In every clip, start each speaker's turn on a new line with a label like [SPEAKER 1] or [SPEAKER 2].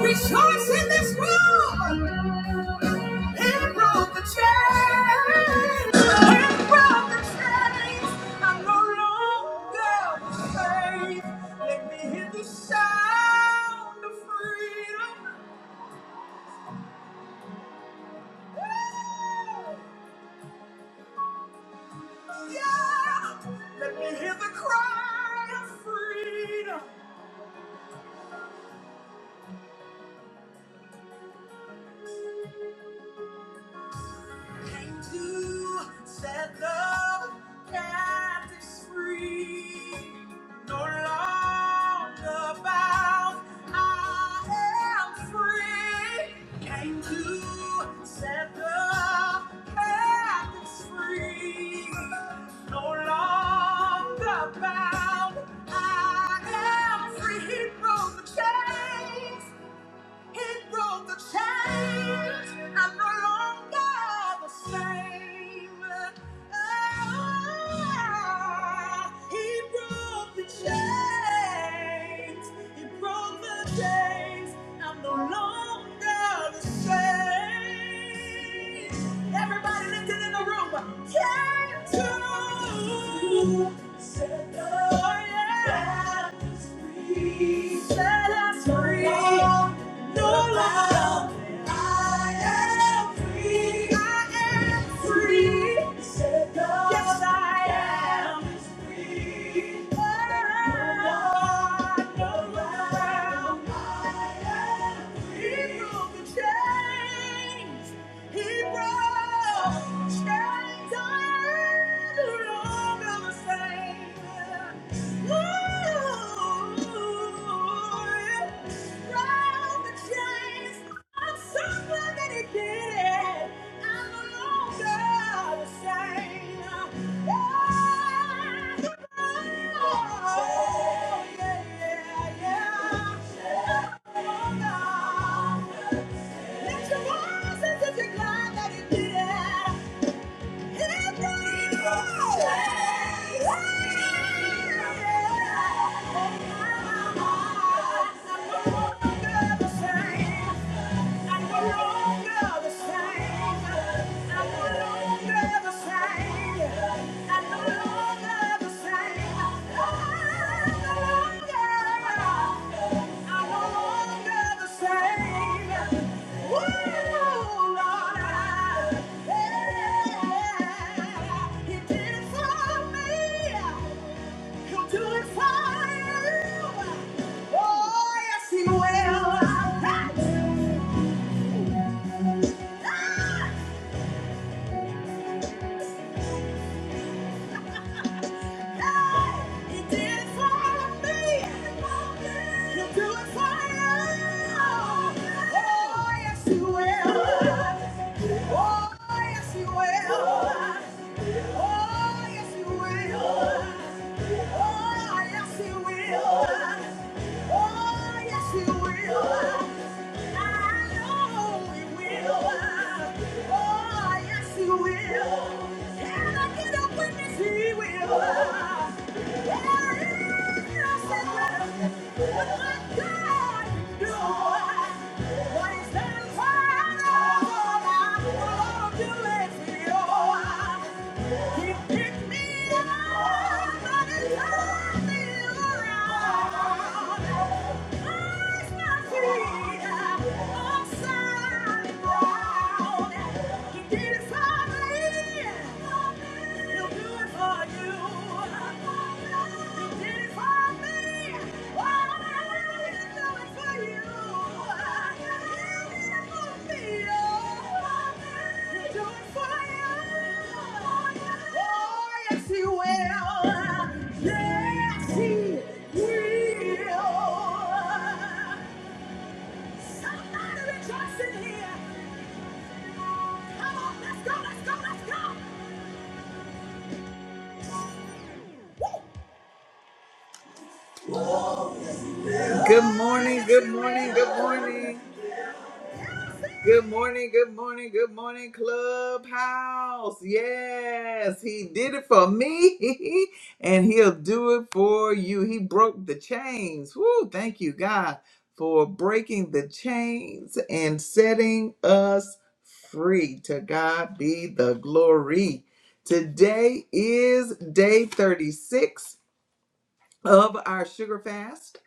[SPEAKER 1] Rejoice in this room. He broke the chains. He broke the chains. I'm no longer the slave. Let me hear the sound of freedom. Yeah, Let me hear the cry of freedom. Came to set the captives free. No longer bound, I am free. Came to set the captives free. No longer bound, I am free. He broke the chains. It broke the chains. I'm no longer the same. Ah, he broke the chains. He broke the chains. I'm no longer the same. Everybody lifted in the room. Came to set the yeah. Set us free. Set us free. No loud. I am free. I am free. Said God. Yes, I am is free. Ah, no loud. I am free. He broke the chains. He broke chains are no longer the same. Ooh, he broke the chains of someone that he did. Lift your voices if you're glad that you did. it. I'm no longer the same. I'm no longer the same. Oh yes, He will. Oh, Yes, he will. And I get a witness, he will. There is no secret of what God can do. What is done for others, God will do it for you. He picked me up and he turned me around. Placed my feet upside Yes, he will. Somebody rejoice in here. Good morning, good morning, good morning. Good morning, good morning, good morning, Clubhouse. Yes, he did it for me and he'll do it for you. He broke the chains. Woo, thank you, God, for breaking the chains and setting us free. To God be the glory. Today is day 36 of our sugar fast.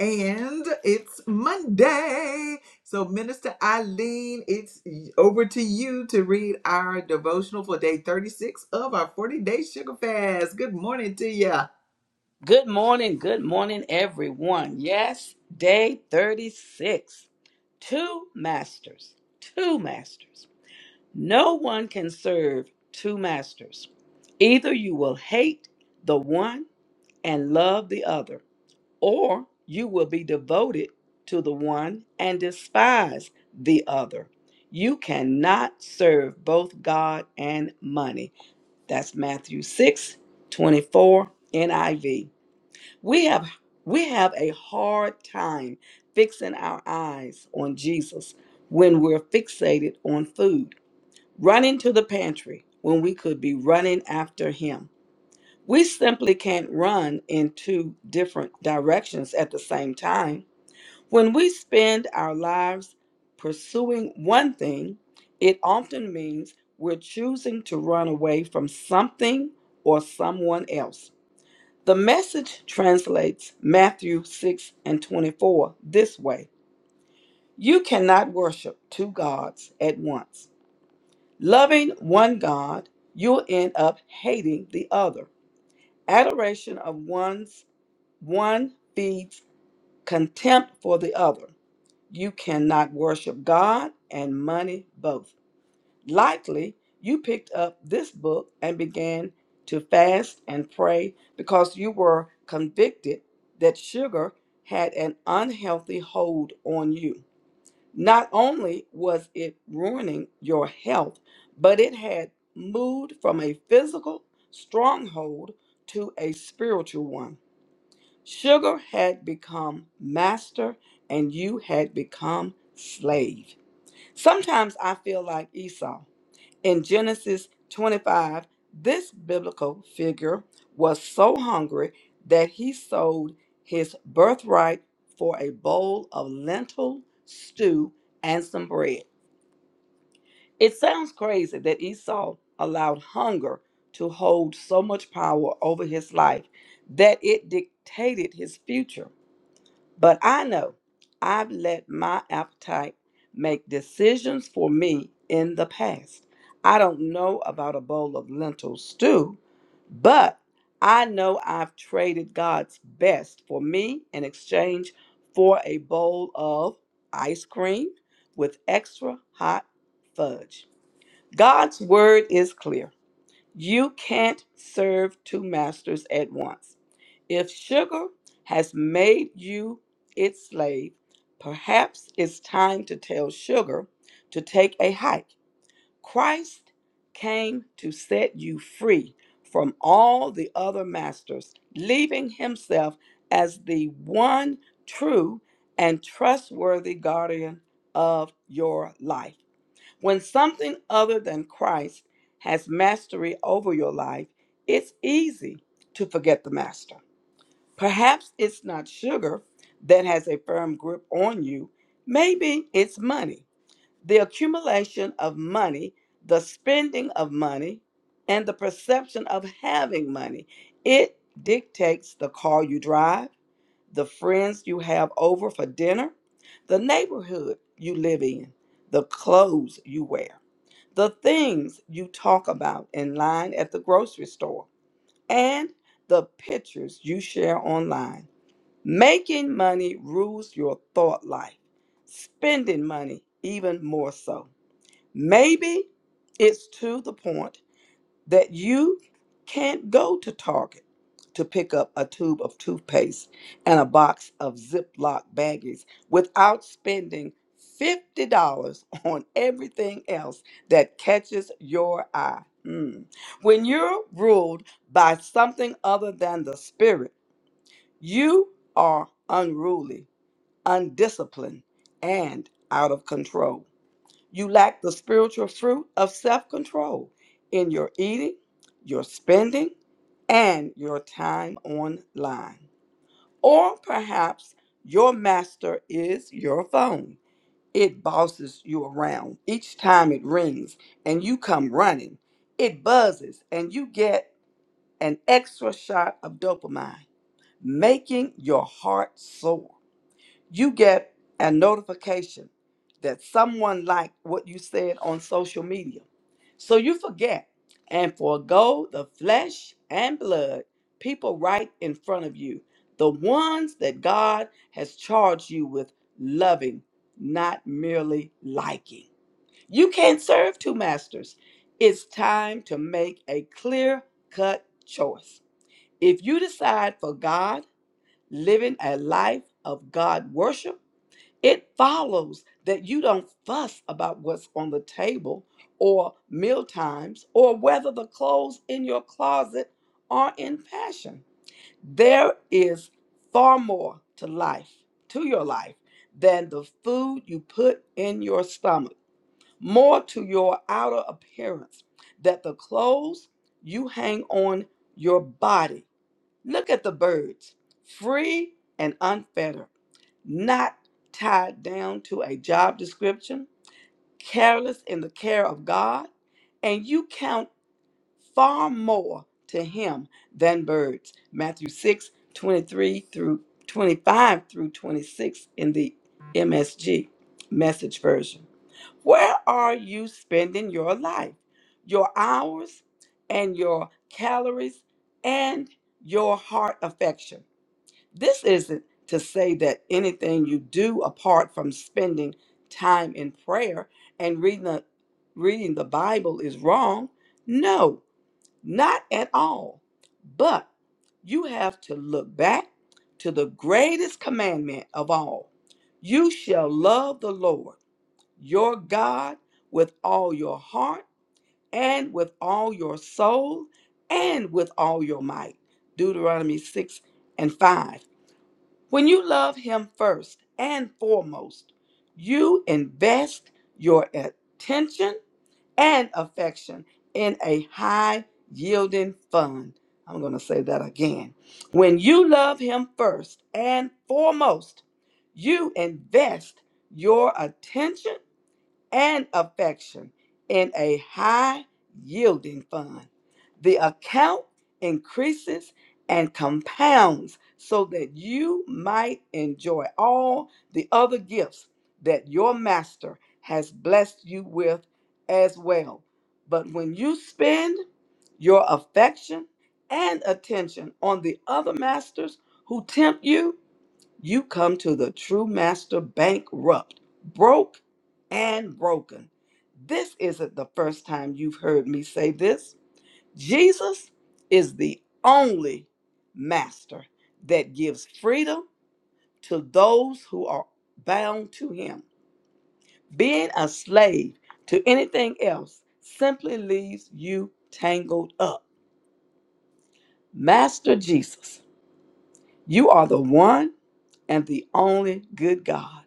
[SPEAKER 1] And it's Monday. So, Minister Eileen, it's over to you to read our devotional for day 36 of our 40 day sugar fast. Good morning to you.
[SPEAKER 2] Good morning, good morning, everyone. Yes, day 36. Two masters, two masters. No one can serve two masters. Either you will hate the one and love the other, or you will be devoted to the one and despise the other. You cannot serve both God and money. That's Matthew 6 24, NIV. We have we have a hard time fixing our eyes on Jesus when we're fixated on food, running to the pantry when we could be running after him. We simply can't run in two different directions at the same time. When we spend our lives pursuing one thing, it often means we're choosing to run away from something or someone else. The message translates Matthew 6 and 24 this way You cannot worship two gods at once. Loving one God, you'll end up hating the other. Adoration of one's one feeds contempt for the other. You cannot worship God and money both. Likely, you picked up this book and began to fast and pray because you were convicted that sugar had an unhealthy hold on you. Not only was it ruining your health, but it had moved from a physical stronghold to a spiritual one. Sugar had become master and you had become slave. Sometimes I feel like Esau. In Genesis 25, this biblical figure was so hungry that he sold his birthright for a bowl of lentil stew and some bread. It sounds crazy that Esau allowed hunger to hold so much power over his life that it dictated his future. But I know I've let my appetite make decisions for me in the past. I don't know about a bowl of lentil stew, but I know I've traded God's best for me in exchange for a bowl of ice cream with extra hot fudge. God's word is clear. You can't serve two masters at once. If sugar has made you its slave, perhaps it's time to tell sugar to take a hike. Christ came to set you free from all the other masters, leaving himself as the one true and trustworthy guardian of your life. When something other than Christ has mastery over your life, it's easy to forget the master. Perhaps it's not sugar that has a firm grip on you. Maybe it's money. The accumulation of money, the spending of money, and the perception of having money. It dictates the car you drive, the friends you have over for dinner, the neighborhood you live in, the clothes you wear, the things you talk about in line at the grocery store, and the pictures you share online. Making money rules your thought life, spending money even more so. Maybe it's to the point that you can't go to Target to pick up a tube of toothpaste and a box of Ziploc baggies without spending $50 on everything else that catches your eye. Mm. When you're ruled by something other than the spirit, you are unruly, undisciplined, and out of control. You lack the spiritual fruit of self control in your eating, your spending, and your time online. Or perhaps your master is your phone. It bosses you around. Each time it rings and you come running, it buzzes and you get an extra shot of dopamine, making your heart soar you get a notification that someone liked what you said on social media. So you forget and forego the flesh and blood, people right in front of you, the ones that God has charged you with loving, not merely liking. You can't serve two masters. It's time to make a clear cut choice. If you decide for God, living a life of God worship, it follows that you don't fuss about what's on the table or meal times or whether the clothes in your closet are in fashion. There is far more to life, to your life, than the food you put in your stomach, more to your outer appearance, that the clothes you hang on your body. Look at the birds, free and unfettered not tied down to a job description, careless in the care of God, and you count far more to him than birds. Matthew 6 23 through 25 through 26 in the MSG message version. Where are you spending your life, your hours, and your calories, and your heart affection? This isn't to say that anything you do apart from spending time in prayer and reading the, reading the Bible is wrong. No, not at all. But you have to look back to the greatest commandment of all you shall love the Lord your God with all your heart and with all your soul and with all your might. Deuteronomy 6 and 5 when you love Him first and foremost, you invest your attention and affection in a high yielding fund. I'm going to say that again. When you love Him first and foremost, you invest your attention and affection in a high yielding fund. The account increases and compounds so that you might enjoy all the other gifts that your master has blessed you with as well. But when you spend your affection and attention on the other masters who tempt you, you come to the true master bankrupt, broke and broken. This isn't the first time you've heard me say this. Jesus is the only master that gives freedom to those who are bound to him. Being a slave to anything else simply leaves you tangled up. Master Jesus, you are the one and the only good God.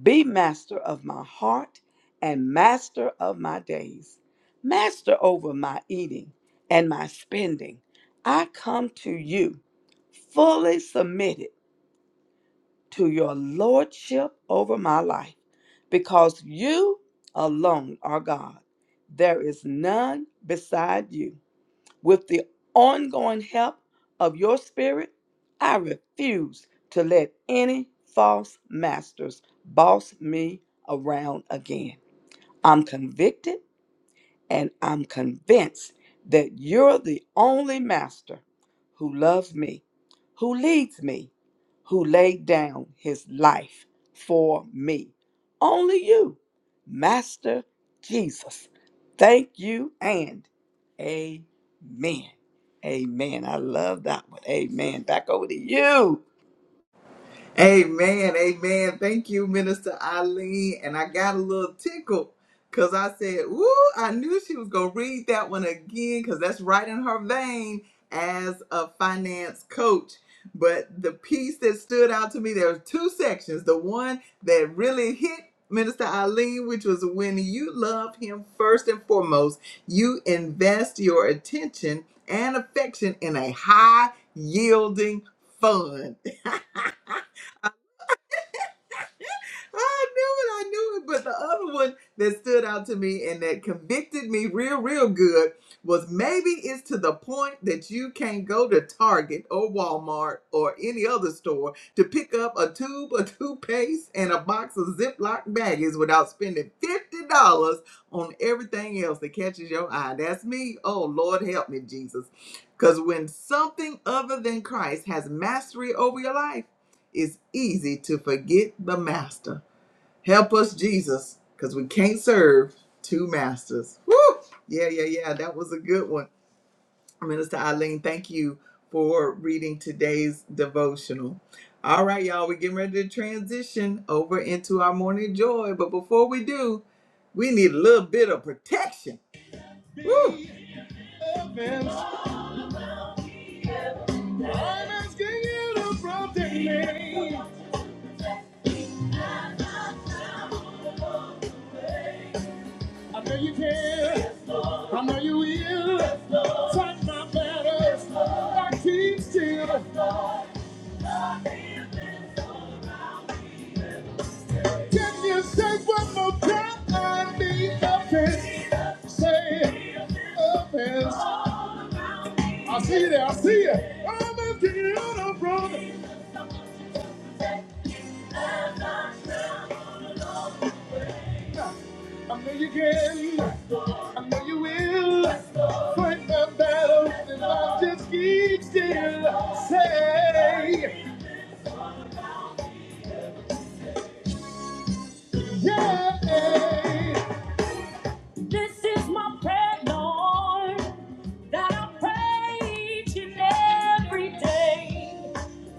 [SPEAKER 2] Be master of my heart and master of my days, master over my eating and my spending. I come to you fully submitted to your lordship over my life because you alone are God. There is none beside you. With the ongoing help of your spirit, I refuse to let any false masters boss me around again. I'm convicted and I'm convinced that you're the only master who loves me, who leads me, who laid down his life for me. Only you, Master Jesus. Thank you and amen. Amen. I love that one. Amen. Back over to you.
[SPEAKER 1] Amen, amen. Thank you, Minister Eileen. And I got a little tickle because I said, Ooh, I knew she was going to read that one again because that's right in her vein as a finance coach. But the piece that stood out to me, there were two sections. The one that really hit Minister Eileen, which was when you love him first and foremost, you invest your attention and affection in a high yielding fund I knew it, I knew it. But the other one that stood out to me and that convicted me real, real good was maybe it's to the point that you can't go to Target or Walmart or any other store to pick up a tube of toothpaste and a box of Ziploc baggies without spending $50 on everything else that catches your eye. That's me. Oh, Lord, help me, Jesus. Because when something other than Christ has mastery over your life, it's easy to forget the master. Help us, Jesus, because we can't serve two masters. Woo! Yeah, yeah, yeah. That was a good one. Minister Eileen, thank you for reading today's devotional. All right, y'all, we're getting ready to transition over into our morning joy. But before we do, we need a little bit of protection. Woo! Defense. I'm asking you to protect me. I know you can. I know you will. Fight my battles. I keep still. Can you say one more time? I need a fix. Say a fix. I see you there. I see you. I'm gonna take it on a road. I know you can. I know you will. Fight my battles and I just keep still. Say yeah. yeah.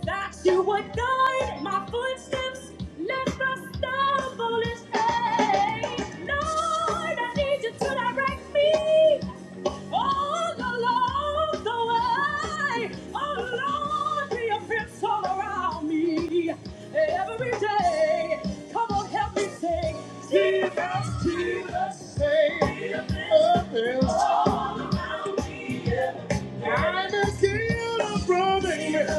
[SPEAKER 1] that you would guide my footsteps. lest I stumble in stay. Lord, I need you to direct me all along the way. Oh, Lord, be a fence all around me every day. Come on, help me sing. Jesus, Jesus, say, a fence all around me. I'm a sinner, brother.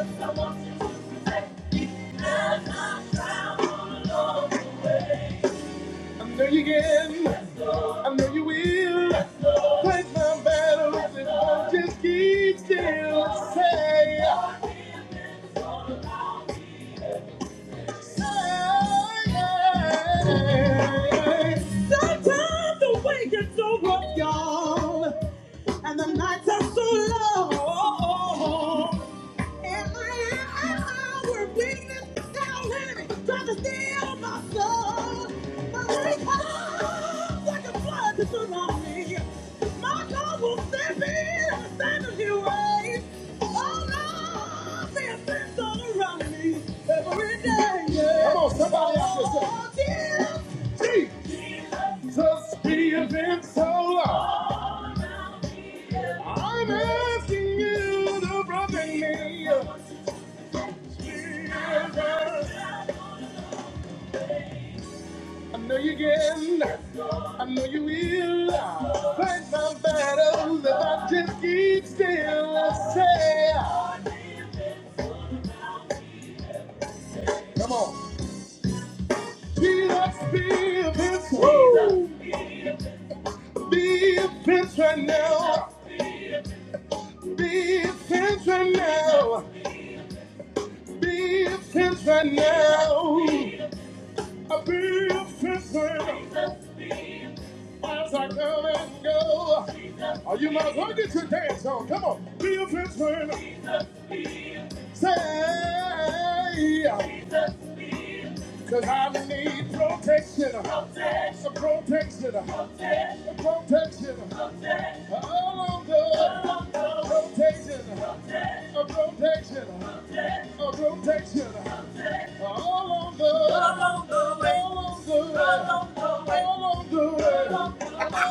[SPEAKER 1] I know you can. I know you will. Fight my battles if I just keep still. Say, say. Sometimes the way gets so rough, y'all, and the nights are so long. And my eyes were weakness down here, trying to steal my soul. But he comes like a flood to tsunami. My God will step in, stand in his way. All of the offense all around me, every day. Yeah. Come on, somebody out there say, Jesus be a pencil. I'm asking you to bring me a I know you can. I know you will. Fight my battles if I just keep still and say, Come on. Jesus, be a prince. Woo! Be a prince right now. Be a prince right now. Be a prince right now. I'll be a prince right now. As I come and go. Oh, you might as well get your dance on. Come on. Be a prince right now. Say, cause I need protection, protection, protection, protection, all of the protection, a protection, a protection, all on the, all on the way, all on the way, all on the way, all on the way,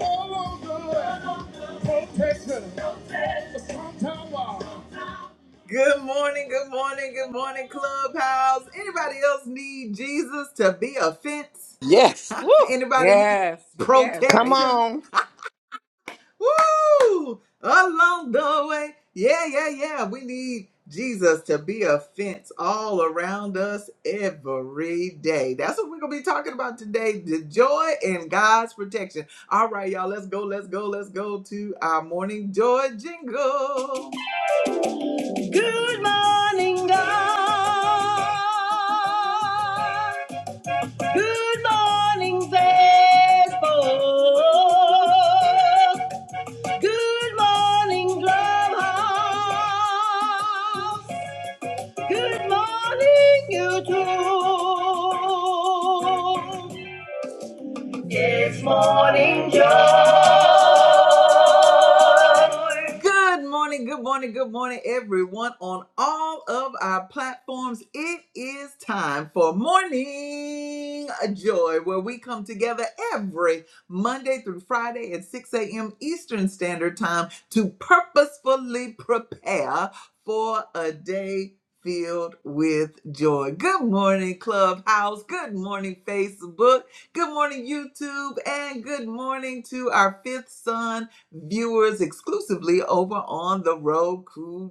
[SPEAKER 1] all on the protection, a strong tower. Good morning, good morning, good morning, Clubhouse. Anybody else need Jesus to be a fence?
[SPEAKER 2] Yes. Woo.
[SPEAKER 1] Anybody need
[SPEAKER 2] Yes, yes.
[SPEAKER 3] Come
[SPEAKER 2] Amen.
[SPEAKER 1] protection?
[SPEAKER 3] on.
[SPEAKER 1] Woo! Along the way. Yeah, yeah, yeah. We need Jesus to be a fence all around us every day. That's what we're going to be talking about today the joy in God's protection. All right, y'all, let's go, let's go, let's go to our morning joy jingle. Good morning, God. Good morning, Facebook. Good morning, Clubhouse. Good morning, YouTube. Morning, Joe. Good morning, good morning, good morning, everyone on all of our platforms. It is time for Morning Joy, where we come together every Monday through Friday at 6 a.m. Eastern Standard Time to purposefully prepare for a day filled with joy. Good morning, Clubhouse. Good morning, Facebook. Good morning, YouTube. And good morning to our fifth son viewers exclusively over on the Roku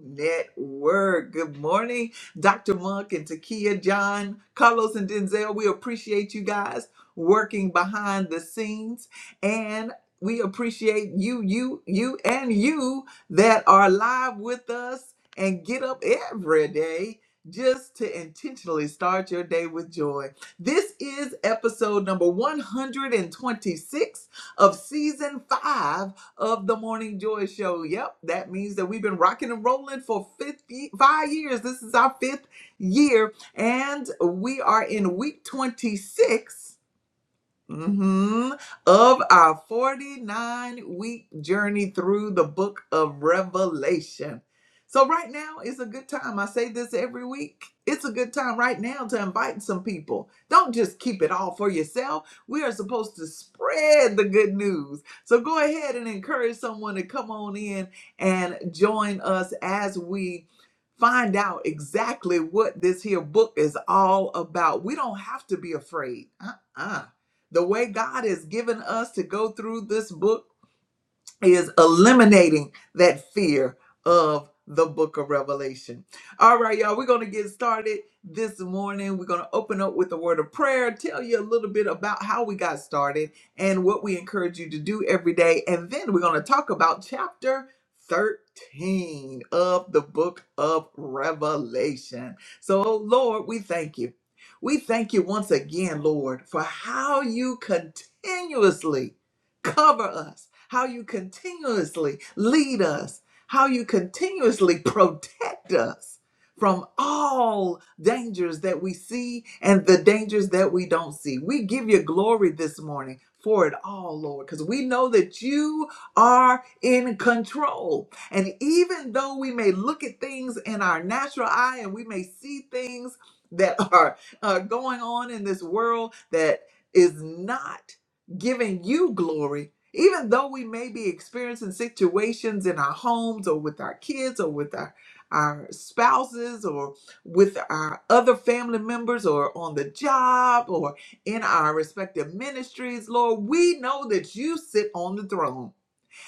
[SPEAKER 1] Network. Good morning, Dr. Monk and Takia, John, Carlos, and Denzel. We appreciate you guys working behind the scenes and we appreciate you, you, you, and you that are live with us and get up every day just to intentionally start your day with joy. This is episode number 126 of season 5 of the Morning Joy Show. Yep, that means that we've been rocking and rolling for 50, five years. This is our fifth year, and we are in week 26 hmm of our 49 week journey through the book of Revelation. So, right now is a good time. I say this every week. It's a good time right now to invite some people. Don't just keep it all for yourself. We are supposed to spread the good news. So, go ahead and encourage someone to come on in and join us as we find out exactly what this here book is all about. We don't have to be afraid. Uh uh the way God has given us to go through this book is eliminating that fear of the book of Revelation. All right, y'all, we're going to get started this morning. We're going to open up with a word of prayer, tell you a little bit about how we got started and what we encourage you to do every day. And then we're going to talk about chapter 13 of the book of Revelation. So, Lord, we thank you. We thank you once again, Lord, for how you continuously cover us, how you continuously lead us, how you continuously protect us from all dangers that we see and the dangers that we don't see. We give you glory this morning for it all, Lord, because we know that you are in control. And even though we may look at things in our natural eye and we may see things that are uh, going on in this world that is not giving you glory, even though we may be experiencing situations in our homes or with our kids or with our, our spouses or with our other family members or on the job or in our respective ministries, Lord, we know that you sit on the throne.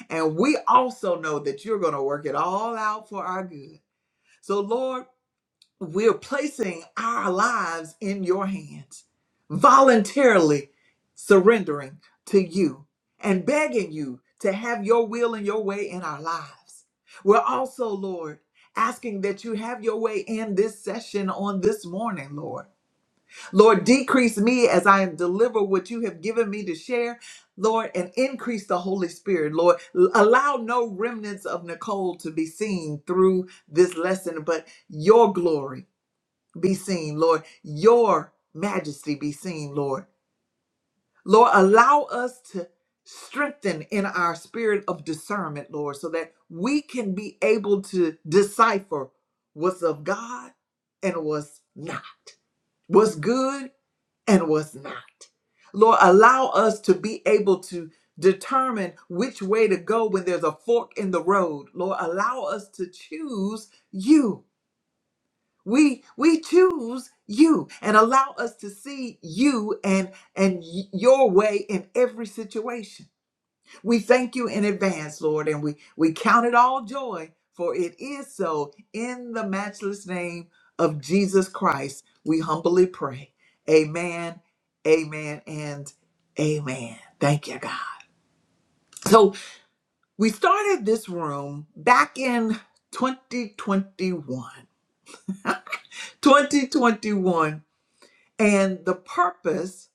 [SPEAKER 1] And we also know that you're going to work it all out for our good. So, Lord, we're placing our lives in your hands, voluntarily surrendering to you and begging you to have your will and your way in our lives. We're also, Lord, asking that you have your way in this session on this morning, Lord. Lord, decrease me as I am deliver what you have given me to share, Lord, and increase the Holy Spirit, Lord. L- Allow no remnants of Nicole to be seen through this lesson, but your glory be seen, Lord. Your majesty be seen, Lord. Lord, allow us to strengthen in our spirit of discernment, Lord, so that we can be able to decipher what's of God and what's not, what's good and what's not. Lord, allow us to be able to determine which way to go when there's a fork in the road. Lord, allow us to choose you we we choose you and allow us to see you and and y- your way in every situation we thank you in advance lord and we we count it all joy for it is so in the matchless name of jesus christ we humbly pray amen amen and amen thank you god so we started this room back in 2021 2021 And the purpose,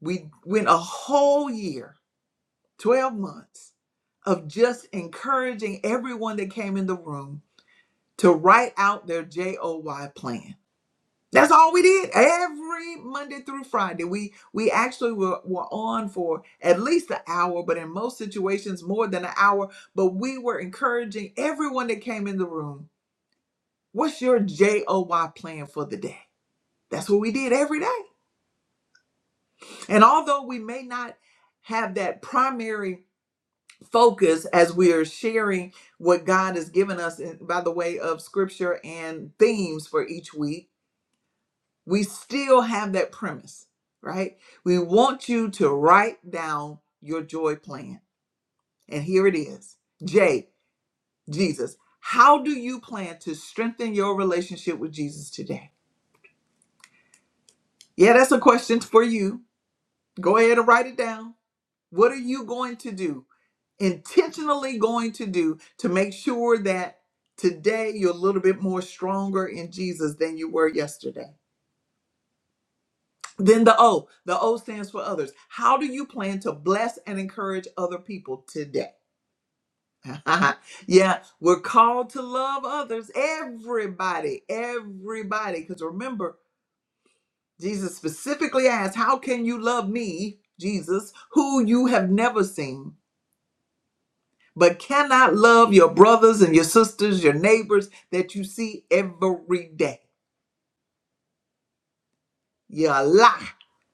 [SPEAKER 1] we went a whole year, 12 months, of just encouraging everyone that came in the room to write out their JOY plan. That's all we did every Monday through Friday. We we actually were, were on for at least an hour, but in most situations more than an hour. But we were encouraging everyone that came in the room, what's your JOY plan for the day? That's what we did every day. And although we may not have that primary focus as we are sharing what God has given us in- by the way of scripture and themes for each week, we still have that premise, right? We want you to write down your joy plan. And here it is J, Jesus. How do you plan to strengthen your relationship with Jesus today? Yeah, that's a question for you. Go ahead and write it down. What are you going to do intentionally going to do to make sure that today you're a little bit more stronger in Jesus than you were yesterday. Then the O, the O stands for others. How do you plan to bless and encourage other people today? yeah, we're called to love others, everybody, everybody. Because remember, Jesus specifically asked, How can you love me, Jesus, who you have never seen? but cannot love your brothers and your sisters, your neighbors that you see every day. You're a lie,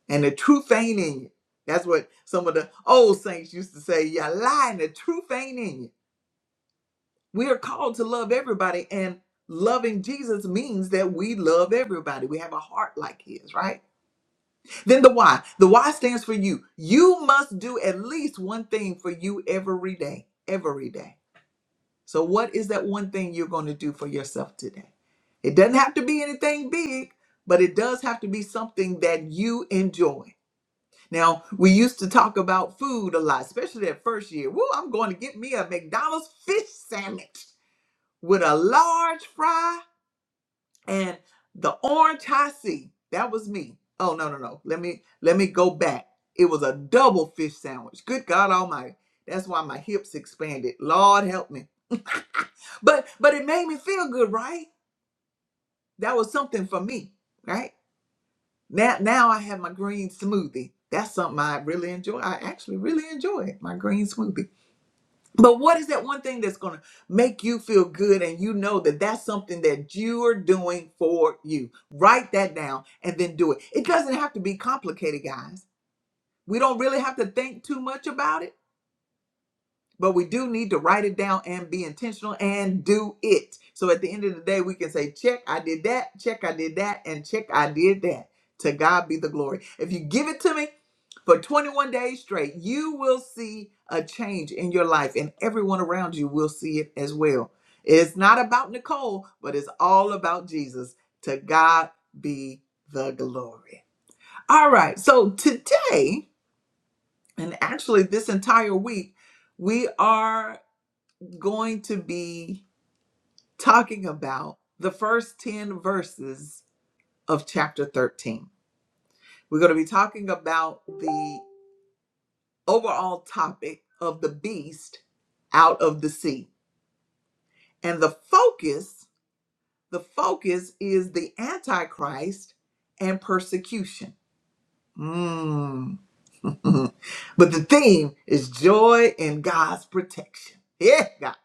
[SPEAKER 1] and the truth ain't in you. That's what some of the old saints used to say. You're a lie, and the truth ain't in you. We are called to love everybody, and loving Jesus means that we love everybody. We have a heart like His, right? Then the why. The why stands for you. You must do at least one thing for you every day. Every day So, what is that one thing you're going to do for yourself today? It doesn't have to be anything big, but it does have to be something that you enjoy. Now, we used to talk about food a lot, especially that first year. Woo, I'm going to get me a McDonald's fish sandwich with a large fry and the orange I see, that was me. Oh no, no, no. Let me let me go back. It was a double fish sandwich. Good God Almighty. That's why my hips expanded. Lord help me. but but it made me feel good, right? That was something for me, right? Now now I have my green smoothie. That's something I really enjoy. I actually really enjoy it, my green smoothie. But what is that one thing that's going to make you feel good and you know that that's something that you're doing for you? Write that down and then do it. It doesn't have to be complicated, guys. We don't really have to think too much about it but we do need to write it down and be intentional and do it. So at the end of the day, we can say, check, I did that, check, I did that, and check, I did that. To God be the glory. If you give it to me for 21 days straight, you will see a change in your life, and everyone around you will see it as well. It's not about Nicole, but it's all about Jesus. To God be the glory. All right, so today, and actually this entire week, we are going to be talking about the first 10 verses of chapter 13. We're going to be talking about the overall topic of the beast out of the sea. And the focus, the focus is the antichrist and persecution. Mm. but the theme is joy in God's protection. Yeah, God.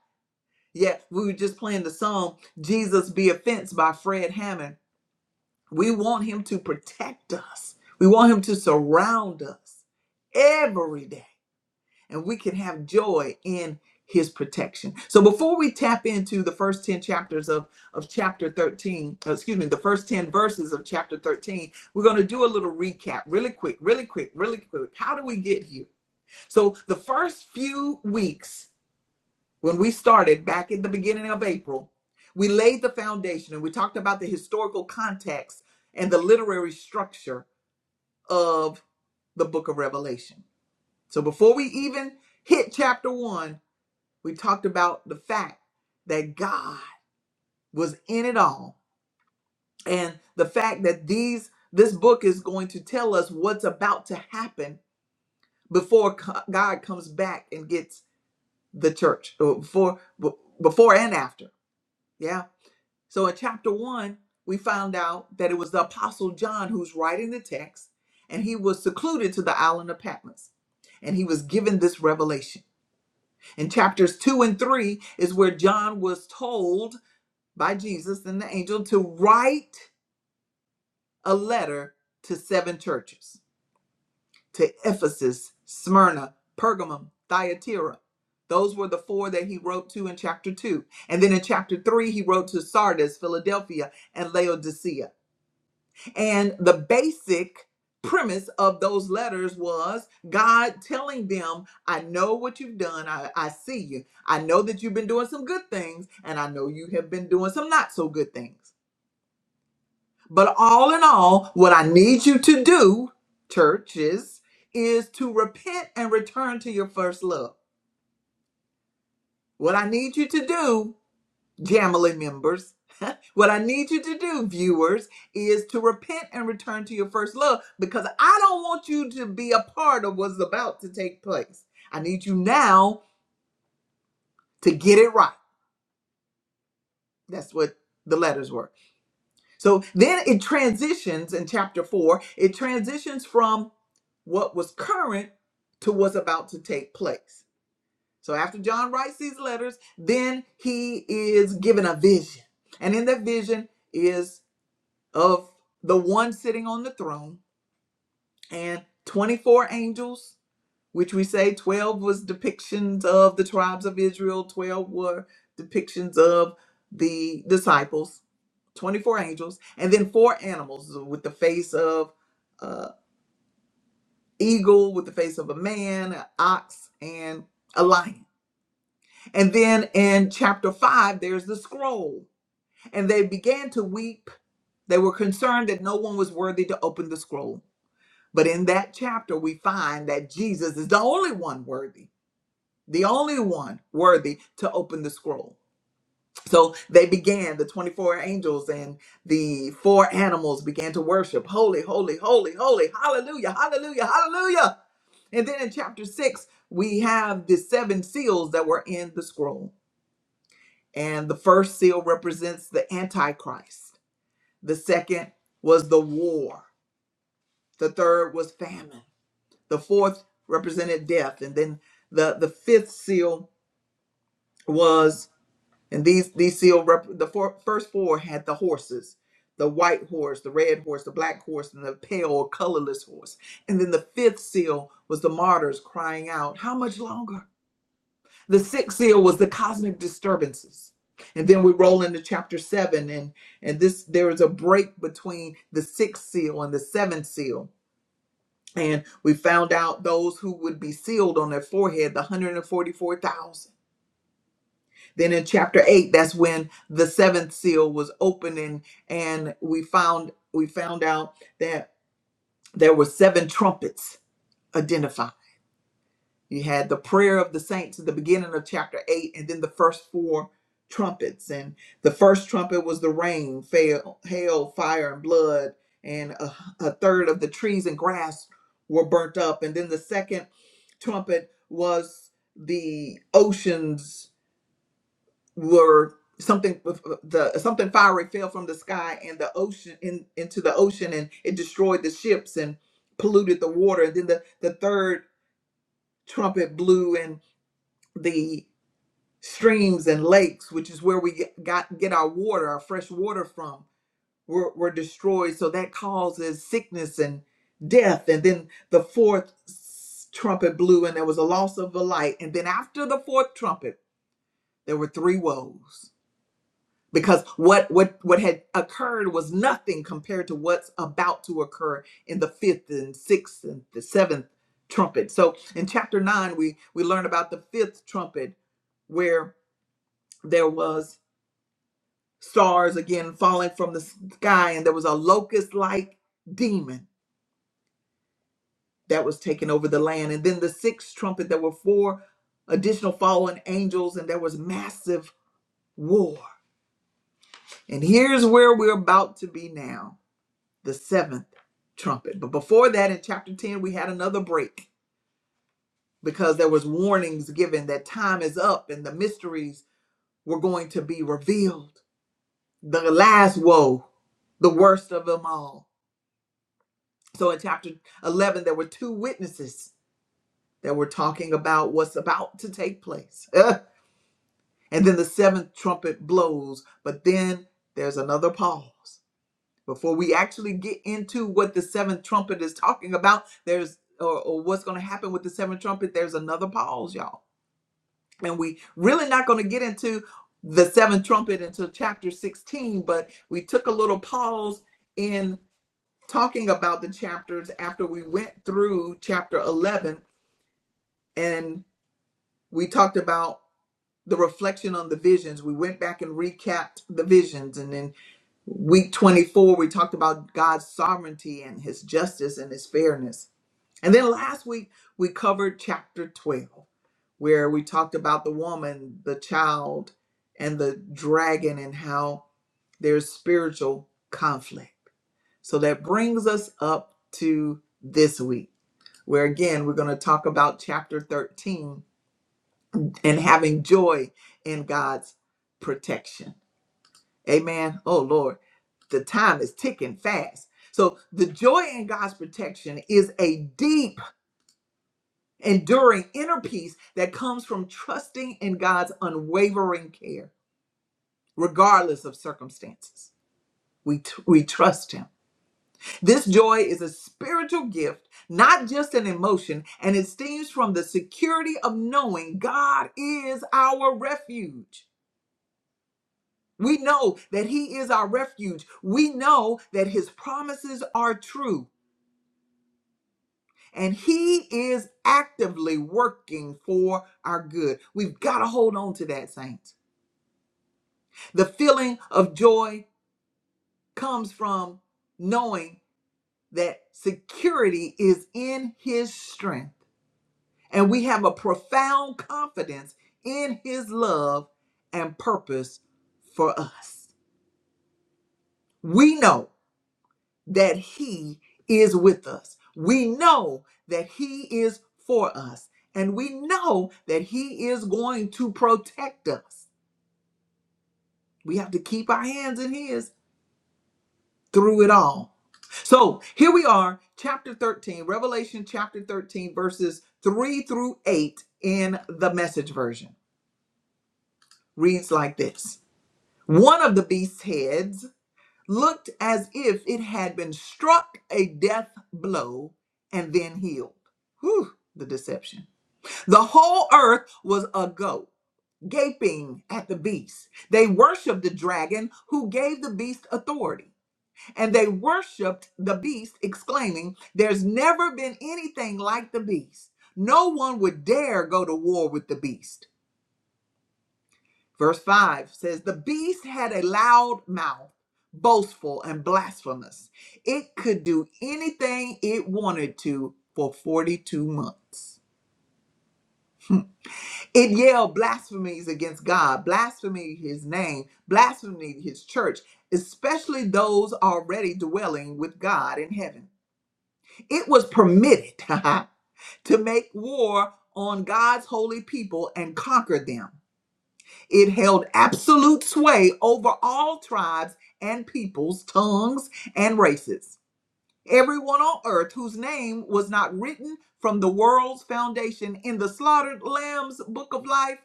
[SPEAKER 1] Yeah, we were just playing the song Jesus Be Offense by Fred Hammond We want him to protect us. We want him to surround us every day. And we can have joy in his protection. So before we tap into the first 10 chapters of, of chapter 13, uh, excuse me, the first 10 verses of chapter 13, we're going to do a little recap really quick, really quick, really quick. How do we get here? So the first few weeks when we started back in the beginning of April, we laid the foundation and we talked about the historical context and the literary structure of the book of Revelation. So before we even hit chapter one, we talked about the fact that God was in it all and the fact that these this book is going to tell us what's about to happen before co- God comes back and gets the church or before b- before and after. Yeah So in chapter one, we found out that it was the Apostle John who's writing the text, and he was secluded to the island of Patmos, and he was given this revelation. In chapters two and three is where John was told by Jesus and the angel to write a letter to seven churches to Ephesus, Smyrna, Pergamum, Thyatira. Those were the four that he wrote to in chapter two. And then in chapter three, he wrote to Sardis, Philadelphia, and Laodicea. And the basic premise of those letters was God telling them, I know what you've done. I, I see you. I know that you've been doing some good things, and I know you have been doing some not so good things. But all in all, what I need you to do, churches, is to repent and return to your first love. What I need you to do Jamily members. what I need you to do, viewers, is to repent and return to your first love because I don't want you to be a part of what's about to take place. I need you now to get it right. That's what the letters were. So then it transitions in chapter four, it transitions from what was current to what's about to take place. So after John writes these letters, then he is given a vision. And in that vision is of the one sitting on the throne and 24 angels, which we say 12 was depictions of the tribes of Israel, 12 were depictions of the disciples, 24 angels, and then four animals with the face of uh, eagle, with the face of a man, an ox, and a lion. And then in chapter 5, there's the scroll. And they began to weep. They were concerned that no one was worthy to open the scroll But in that chapter, we find that Jesus is the only one worthy, the only one worthy to open the scroll. So they began, the 24 angels and the four animals began to worship. Holy, holy, holy, holy, hallelujah, hallelujah, hallelujah. And then in chapter six, we have the seven seals that were in the scroll. And the first seal represents the Antichrist, the second was the war, the third was famine. The fourth represented death, and then the the fifth seal was, and these these seal rep, the four, first four had the horses, the white horse, the red horse, the black horse, and the pale or colorless horse. And then the fifth seal was the martyrs crying out, "How much longer?" The sixth seal was the cosmic disturbances. And then we roll into chapter seven, and and this there is a break between the sixth seal and the seventh seal And we found out those who would be sealed on their forehead, the 144,000. Then in chapter 8, that's when the seventh seal was opening and we found we found out that there were seven trumpets identified You had the prayer of the saints at the beginning of chapter 8, and then the first four trumpets. And the first trumpet was the rain, fail, hail, fire, and blood, and a, a third of the trees and grass were burnt up. And then the second trumpet was the oceans were something the something fiery fell from the sky and the ocean in, into the ocean and it destroyed the ships and polluted the water and then the, the third trumpet blew and the streams and lakes, which is where we get, got get our water, our fresh water from, were, were destroyed. So that causes sickness and death. And then the fourth s- trumpet blew, and there was a loss of the light. And then after the fourth trumpet, there were three woes because what what what had occurred was nothing compared to what's about to occur in the fifth and sixth and the seventh trumpet. So in chapter nine, we we learn about the fifth trumpet, where there was stars again falling from the sky, and there was a locust like demon that was taking over the land. And then the sixth trumpet, there were four additional fallen angels, and there was massive war. And here's where we're about to be now the seventh trumpet. But before that, in chapter 10, we had another break because there was warnings given that time is up and the mysteries were going to be revealed. The last woe, the worst of them all So in chapter 11, there were two witnesses that were talking about what's about to take place. Ugh. and then the seventh trumpet blows, but then there's another pause. Before we actually get into what the seventh trumpet is talking about, there's or, or what's going to happen with the seventh trumpet, there's another pause, y'all. And we really not going to get into the seventh trumpet until chapter 16, but we took a little pause in talking about the chapters after we went through chapter 11 and we talked about the reflection on the visions. We went back and recapped the visions. And then week 24, we talked about God's sovereignty and his justice and his fairness. And then last week, we covered chapter 12, where we talked about the woman, the child, and the dragon and how there's spiritual conflict. So that brings us up to this week, where again, we're going to talk about chapter 13 and having joy in God's protection. Amen. Oh Lord, the time is ticking fast. So the joy in God's protection is a deep, enduring inner peace that comes from trusting in God's unwavering care, regardless of circumstances. We, tr- we trust him. This joy is a spiritual gift, not just an emotion, and it stems from the security of knowing God is our refuge. We know that He is our refuge. We know that His promises are true. And he is actively working for our good. We've got to hold on to that, saints. The feeling of joy comes from knowing that security is in his strength. And we have a profound confidence in his love and purpose for us. We know. that He is with us. We know that He is for us, and we know that He is going to protect us. We have to keep our hands in His through it all. So here we are, chapter 13, Revelation chapter 13, verses 3 through 8 in the message version. Reads like this One of the beast's heads looked as if it had been struck a death blow and then healed. Whew, the deception. The whole earth was agog, gaping at the beast. They worshiped the dragon who gave the beast authority. And they worshiped the beast, exclaiming, There's never been anything like the beast. No one would dare go to war with the beast. Verse 5 says, The beast had a loud mouth, boastful and blasphemous. It could do anything it wanted to for 42 months. It yelled blasphemies against God, blasphemy his name, blasphemy his church, especially those already dwelling with God in heaven. It was permitted to make war on God's holy people and conquer them. It held absolute sway over all tribes and peoples, tongues, and races. Everyone on earth whose name was not written from the world's foundation in the slaughtered lamb's book of life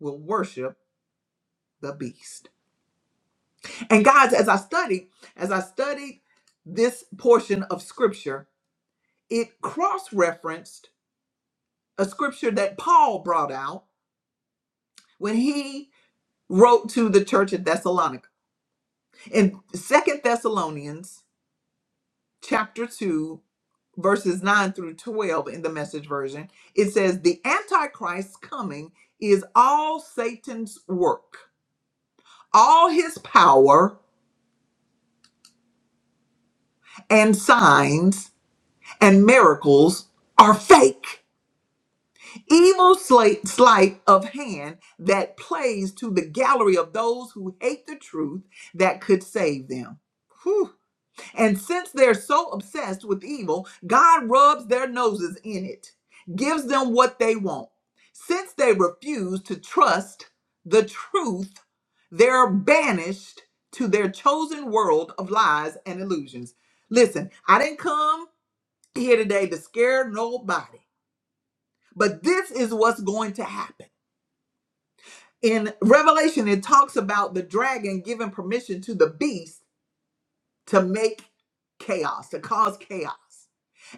[SPEAKER 1] will worship the beast. And guys, as I studied, as I studied this portion of scripture, it cross-referenced a scripture that Paul brought out when he wrote to the church at Thessalonica. In Second Thessalonians chapter 2, verses 9 through 12 in the message version, it says, The Antichrist's coming is all Satan's work, all his power and signs and miracles are fake. Evil slight sleight of hand that plays to the gallery of those who hate the truth that could save them. Whew. And since they're so obsessed with evil, God rubs their noses in it, gives them what they want. Since they refuse to trust the truth, they're banished to their chosen world of lies and illusions. Listen, I didn't come here today to scare nobody, but this is what's going to happen. In Revelation, it talks about the dragon giving permission to the beast to make chaos, to cause chaos.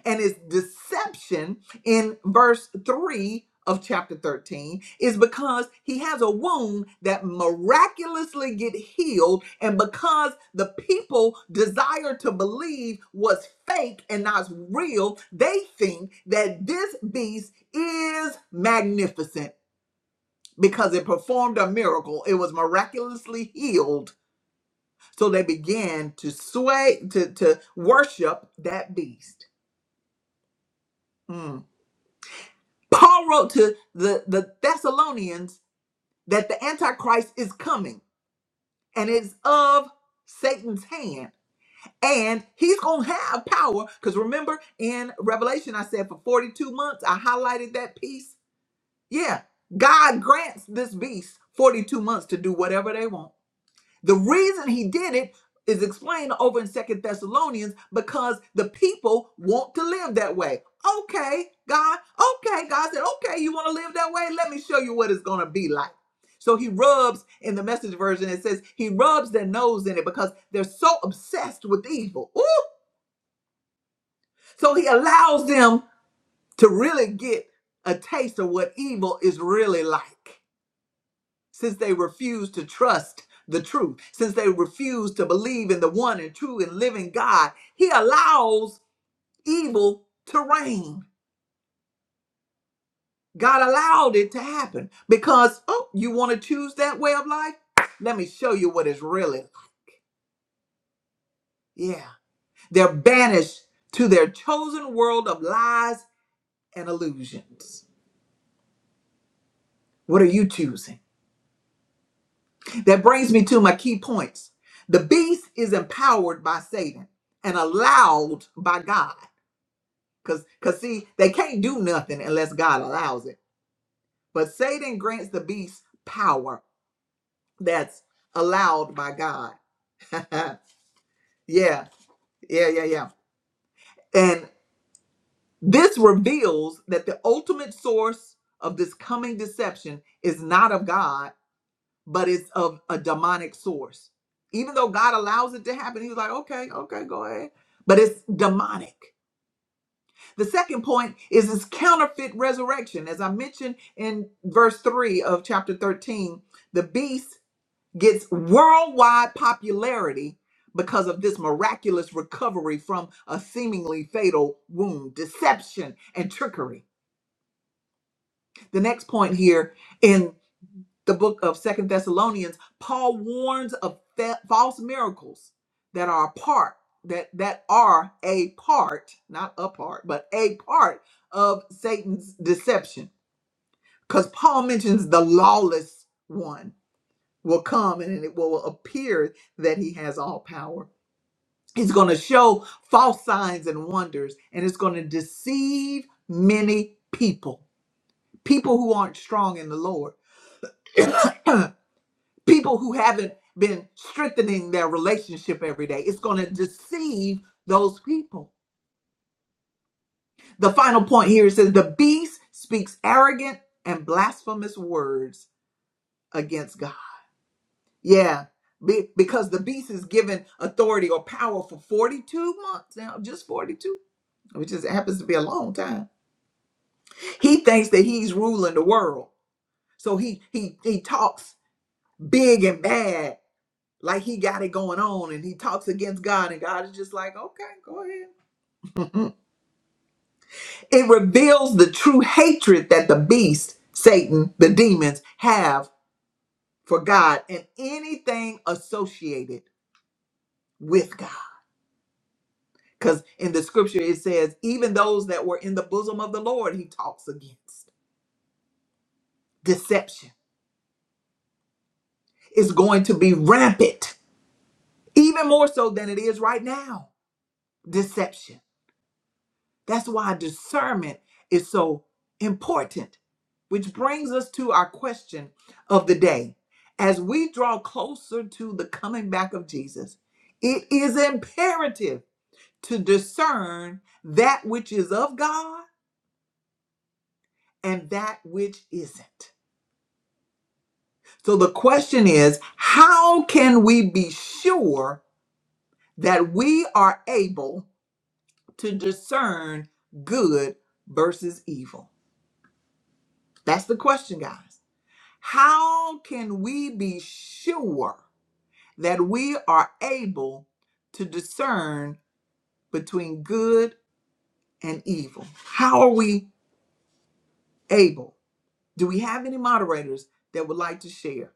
[SPEAKER 1] and his deception in verse 3 of chapter 13 is because he has a wound that miraculously get healed and because the people desire to believe was fake and not real they think that this beast is magnificent because it performed a miracle it was miraculously healed so they began to sway to to worship that beast Mm. Paul wrote to the, the Thessalonians that the Antichrist is coming and is of Satan's hand. And he's going to have power. Because remember in Revelation, I said for 42 months, I highlighted that piece. Yeah, God grants this beast 42 months to do whatever they want. The reason he did it is explained over in Second Thessalonians because the people want to live that way. Okay, God. Okay, God said, okay, you want to live that way? Let me show you what it's going to be like. So he rubs in the message version, it says he rubs their nose in it because they're so obsessed with evil. Ooh! So he allows them to really get a taste of what evil is really like. since they refuse to trust the truth, since they refuse to believe in the one and true and living God, He allows evil to reign. God allowed it to happen because, oh, you want to choose that way of life? Let me show you what it's really. Yeah. They're banished to their chosen world of lies and illusions. What are you choosing? That brings me to my key points. The beast is empowered by Satan and allowed by God. Cause, cause see, they can't do nothing unless God allows it. But Satan grants the beast power that's allowed by God. yeah, yeah, yeah, yeah. And this reveals that the ultimate source of this coming deception is not of God, but it's of a demonic source. Even though God allows it to happen, He was like, okay, okay, go ahead. But it's demonic. The second point is this counterfeit resurrection. As I mentioned in verse 3 of chapter 13, the beast gets worldwide popularity because of this miraculous recovery from a seemingly fatal wound, deception, and trickery. The next point here in the book of second thessalonians paul warns of fa- false miracles that are a part that that are a part not a part but a part of satan's deception because paul mentions the lawless one will come and it will appear that he has all power he's going to show false signs and wonders and it's going to deceive many people people who aren't strong in the lord people who haven't been strengthening their relationship every day. It's going to deceive those people. The final point here it says the beast speaks arrogant and blasphemous words against God. Yeah. be- Because the beast is given authority or power for 42 months now, just 42, which just happens to be a long time. He thinks that he's ruling the world. So he he he talks big and bad like he got it going on and he talks against God and God is just like, okay, go ahead. It reveals the true hatred that the beast, Satan, the demons have for God and anything associated with God. Because in the scripture it says, even those that were in the bosom of the Lord, he talks against. Deception is going to be rampant, even more so than it is right now. Deception. That's why discernment is so important, which brings us to our question of the day. As we draw closer to the coming back of Jesus, it is imperative to discern that which is of God and that which isn't. So the question is how can we be sure that we are able to discern good versus evil? That's the question, guys. How can we be sure that we are able to discern between good and evil? How are we able? Do we have any moderators that would like to share?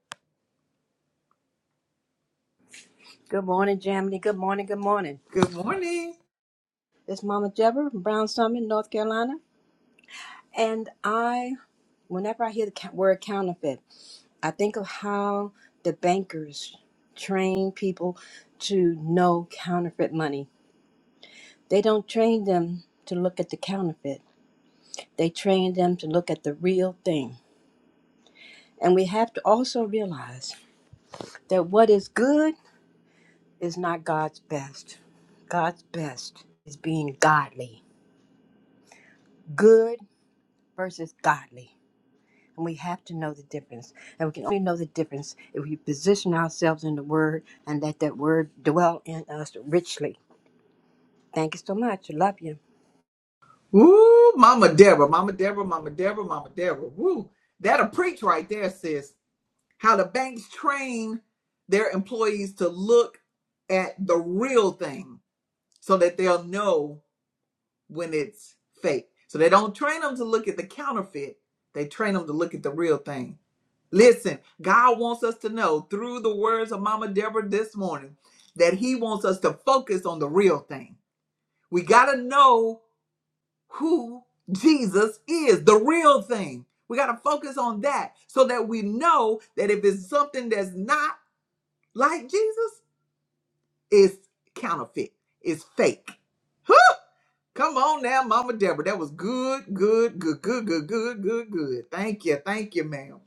[SPEAKER 4] Good morning, Jamie. Good morning. Good morning.
[SPEAKER 1] Good morning.
[SPEAKER 4] It's Mama Deborah from Brown Summit, North Carolina. And I, whenever I hear the ca- word counterfeit, I think of how the bankers train people to know counterfeit money. They don't train them to look at the counterfeit, they train them to look at the real thing. And we have to also realize that what is good is not God's best. God's best is being godly. Good versus godly. And we have to know the difference. And we can only know the difference if we position ourselves in the Word and let that Word dwell in us richly. Thank you so much. I Love you.
[SPEAKER 1] Woo, Mama Deborah, Mama Deborah, Mama Deborah, Mama Deborah. Woo, that'll preach right there, sis. How the banks train their employees to look at the real thing so that they'll know when it's fake. So they don't train them to look at the counterfeit, they train them to look at the real thing. Listen, God wants us to know through the words of Mama Deborah this morning that He wants us to focus on the real thing. We got to know who Jesus is, the real thing. We got to focus on that so that we know that if it's something that's not like Jesus, it's counterfeit, it's fake. Come on now, Mama Deborah. That was good, good, good, good, good, good, good, good. Thank you. Thank you, ma'am.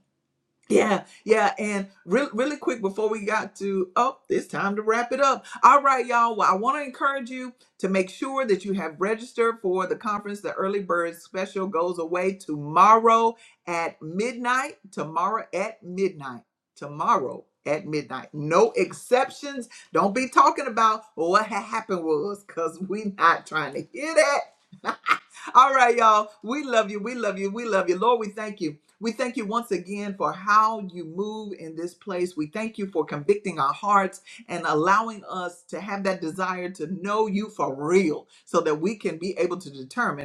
[SPEAKER 1] Yeah, yeah, and really, really quick before we got to oh, it's time to wrap it up. All right, y'all. Well, I want to encourage you to make sure that you have registered for the conference. The early bird special goes away tomorrow at midnight. Tomorrow at midnight. Tomorrow at midnight. No exceptions. Don't be talking about what ha- happened was, cause we are not trying to hear that. All right, y'all. We love you. We love you. We love you. Lord, we thank you. We thank you once again for how you move in this place. We thank you for convicting our hearts and allowing us to have that desire to know you for real so that we can be able to determine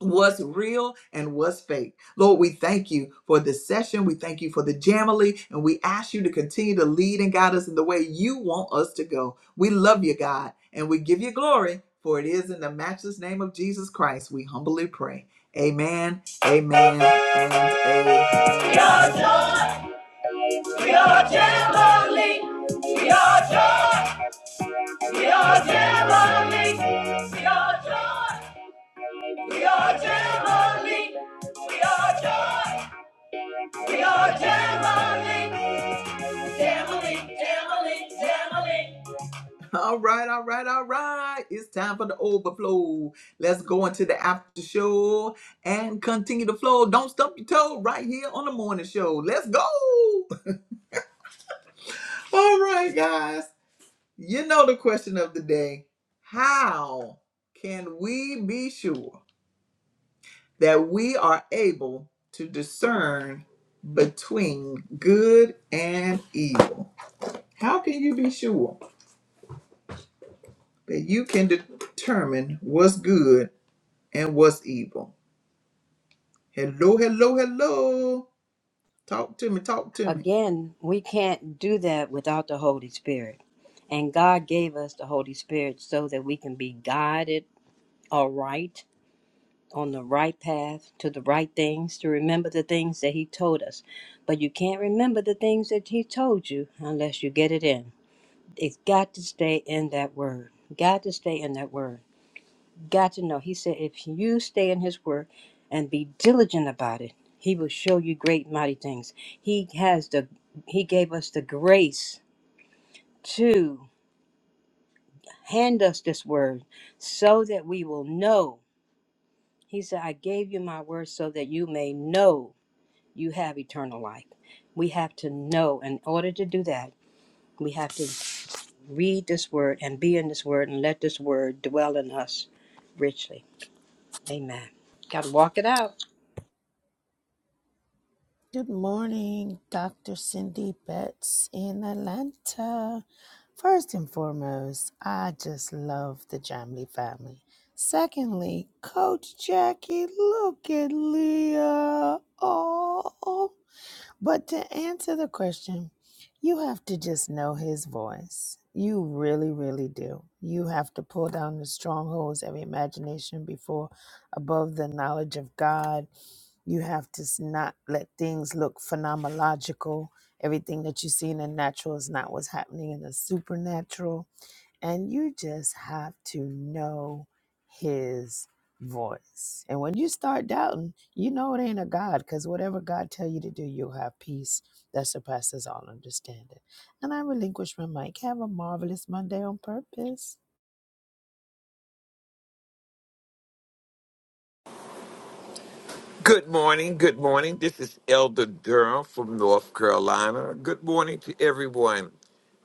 [SPEAKER 1] what's real and what's fake. Lord, we thank you for this session. We thank you for the Jamily, and we ask you to continue to lead and guide us in the way you want us to go. We love you, God, and we give you glory, for it is in the matchless name of Jesus Christ we humbly pray. Amen, amen, and amen. We are joy, we are Jamily. We are joy, we are Jamily. We are joy. We are Jamali. We are joy. We are Jamali. Jamali, Jamali, Jamali. All right, all right, all right. It's time for the overflow. Let's go into the after show and continue the flow. Don't stump your toe right here on the morning show. Let's go. All right, guys. You know the question of the day. How can we be sure? that we are able to discern between good and evil. How can you be sure that you can determine what's good and what's evil? Hello, hello, hello. Talk to me, talk to me.
[SPEAKER 4] Again, we can't do that without the Holy Spirit. And God gave us the Holy Spirit so that we can be guided aright on the right path to the right things, to remember the things that He told us. But you can't remember the things that He told you unless you get it in. It's got to stay in that word. Got to stay in that word. Got to know. He said, if you stay in his word and be diligent about it, he will show you great mighty things. He has the he gave us the grace to hand us this word so that we will know. He said, I gave you my word so that you may know you have eternal life. We have to know. In order to do that, we have to read this word and be in this word and let this word dwell in us richly. Amen. Got to walk it out.
[SPEAKER 3] Good morning, Dr. Cindy Betts in Atlanta. First and foremost, I just love the Jamley family. Secondly, Coach Jackie, look at Leah. Oh. But to answer the question, you have to just know his voice. You really, really do. You have to pull down the strongholds of imagination before, above the knowledge of God. You have to s- not let things look phenomenological. Everything that you see in the natural is not what's happening in the supernatural and you just have to know his voice and when you start doubting you know it ain't a god because whatever god tell you to do you'll have peace that surpasses all understanding and i relinquish my mic have a marvelous monday on purpose
[SPEAKER 5] Good morning. Good morning. This is Elder Durham from North Carolina. Good morning to everyone.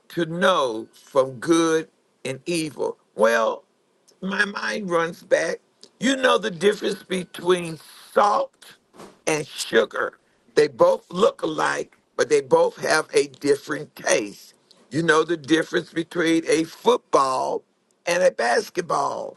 [SPEAKER 5] To know from good and evil. Well, my mind runs back. You know the difference between salt and sugar. They both look alike, but they both have a different taste. You know the difference between a football and a basketball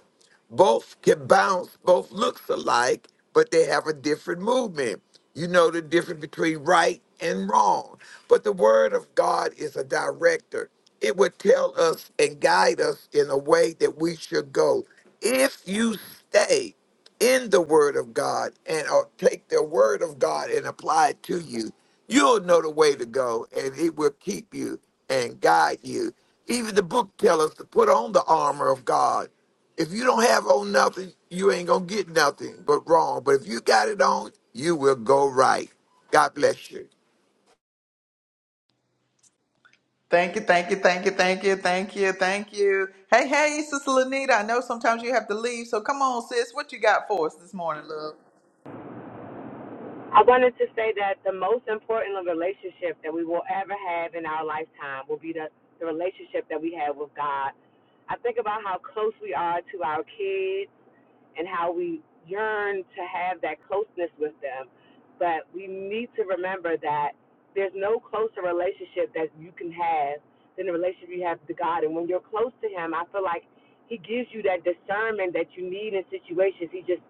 [SPEAKER 5] both can bounce, both looks alike, but they have a different movement. You know the difference between right and wrong. But the word of God is a director. It would tell us and guide us in a way that we should go. If you stay in the word of God and or take the word of God and apply it to you, you'll know the way to go and it will keep you and guide you. Even the book tells us to put on the armor of God if you don't have on nothing, you ain't gonna get nothing but wrong. But if you got it on, you will go right. God bless you.
[SPEAKER 1] Thank you, thank you, thank you, thank you, thank you, thank you. Hey, hey, Sister Lanita, I know sometimes you have to leave, so come on, sis. What you got for us this morning, love?
[SPEAKER 6] I wanted to say that the most important relationship that we will ever have in our lifetime will be the, the relationship that we have with God. I think about how close we are to our kids and how we yearn to have that closeness with them. But we need to remember that there's no closer relationship that you can have than the relationship you have to God. And when you're close to Him, I feel like He gives you that discernment that you need in situations. He just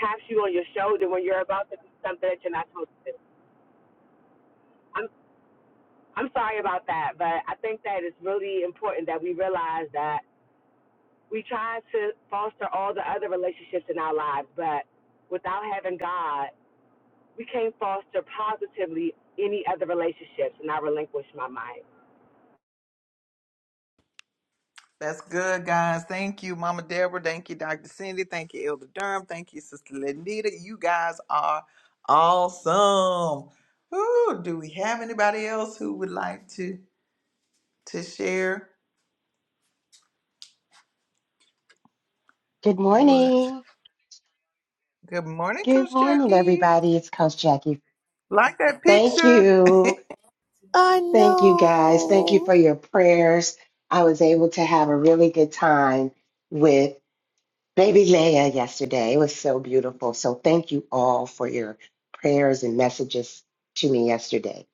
[SPEAKER 6] taps you on your shoulder when you're about to do something that you're not supposed to do. I'm I'm sorry about that, but I think that it's really important that we realize that we try to foster all the other relationships in our lives, but without having God we can't foster positively any other relationships, and I relinquish my mind.
[SPEAKER 1] That's good, guys. Thank you, Mama Deborah. Thank you, Dr. Cindy. Thank you, Elder Durham. Thank you, Sister Lenita. You guys are awesome. Ooh, do we have anybody else who would like to to share?
[SPEAKER 7] Good
[SPEAKER 1] What?
[SPEAKER 7] morning.
[SPEAKER 1] Good morning,
[SPEAKER 7] Good
[SPEAKER 1] Coach
[SPEAKER 7] morning,
[SPEAKER 1] Jackie.
[SPEAKER 7] everybody. It's Coach Jackie.
[SPEAKER 1] Like that
[SPEAKER 7] Thank
[SPEAKER 1] picture.
[SPEAKER 7] you.
[SPEAKER 3] i
[SPEAKER 7] Thank you, guys. Thank you
[SPEAKER 3] know
[SPEAKER 7] for your prayers. I was able to have a really good time with baby Leia yesterday. It was so beautiful. So, thank you all for your prayers and messages to me yesterday.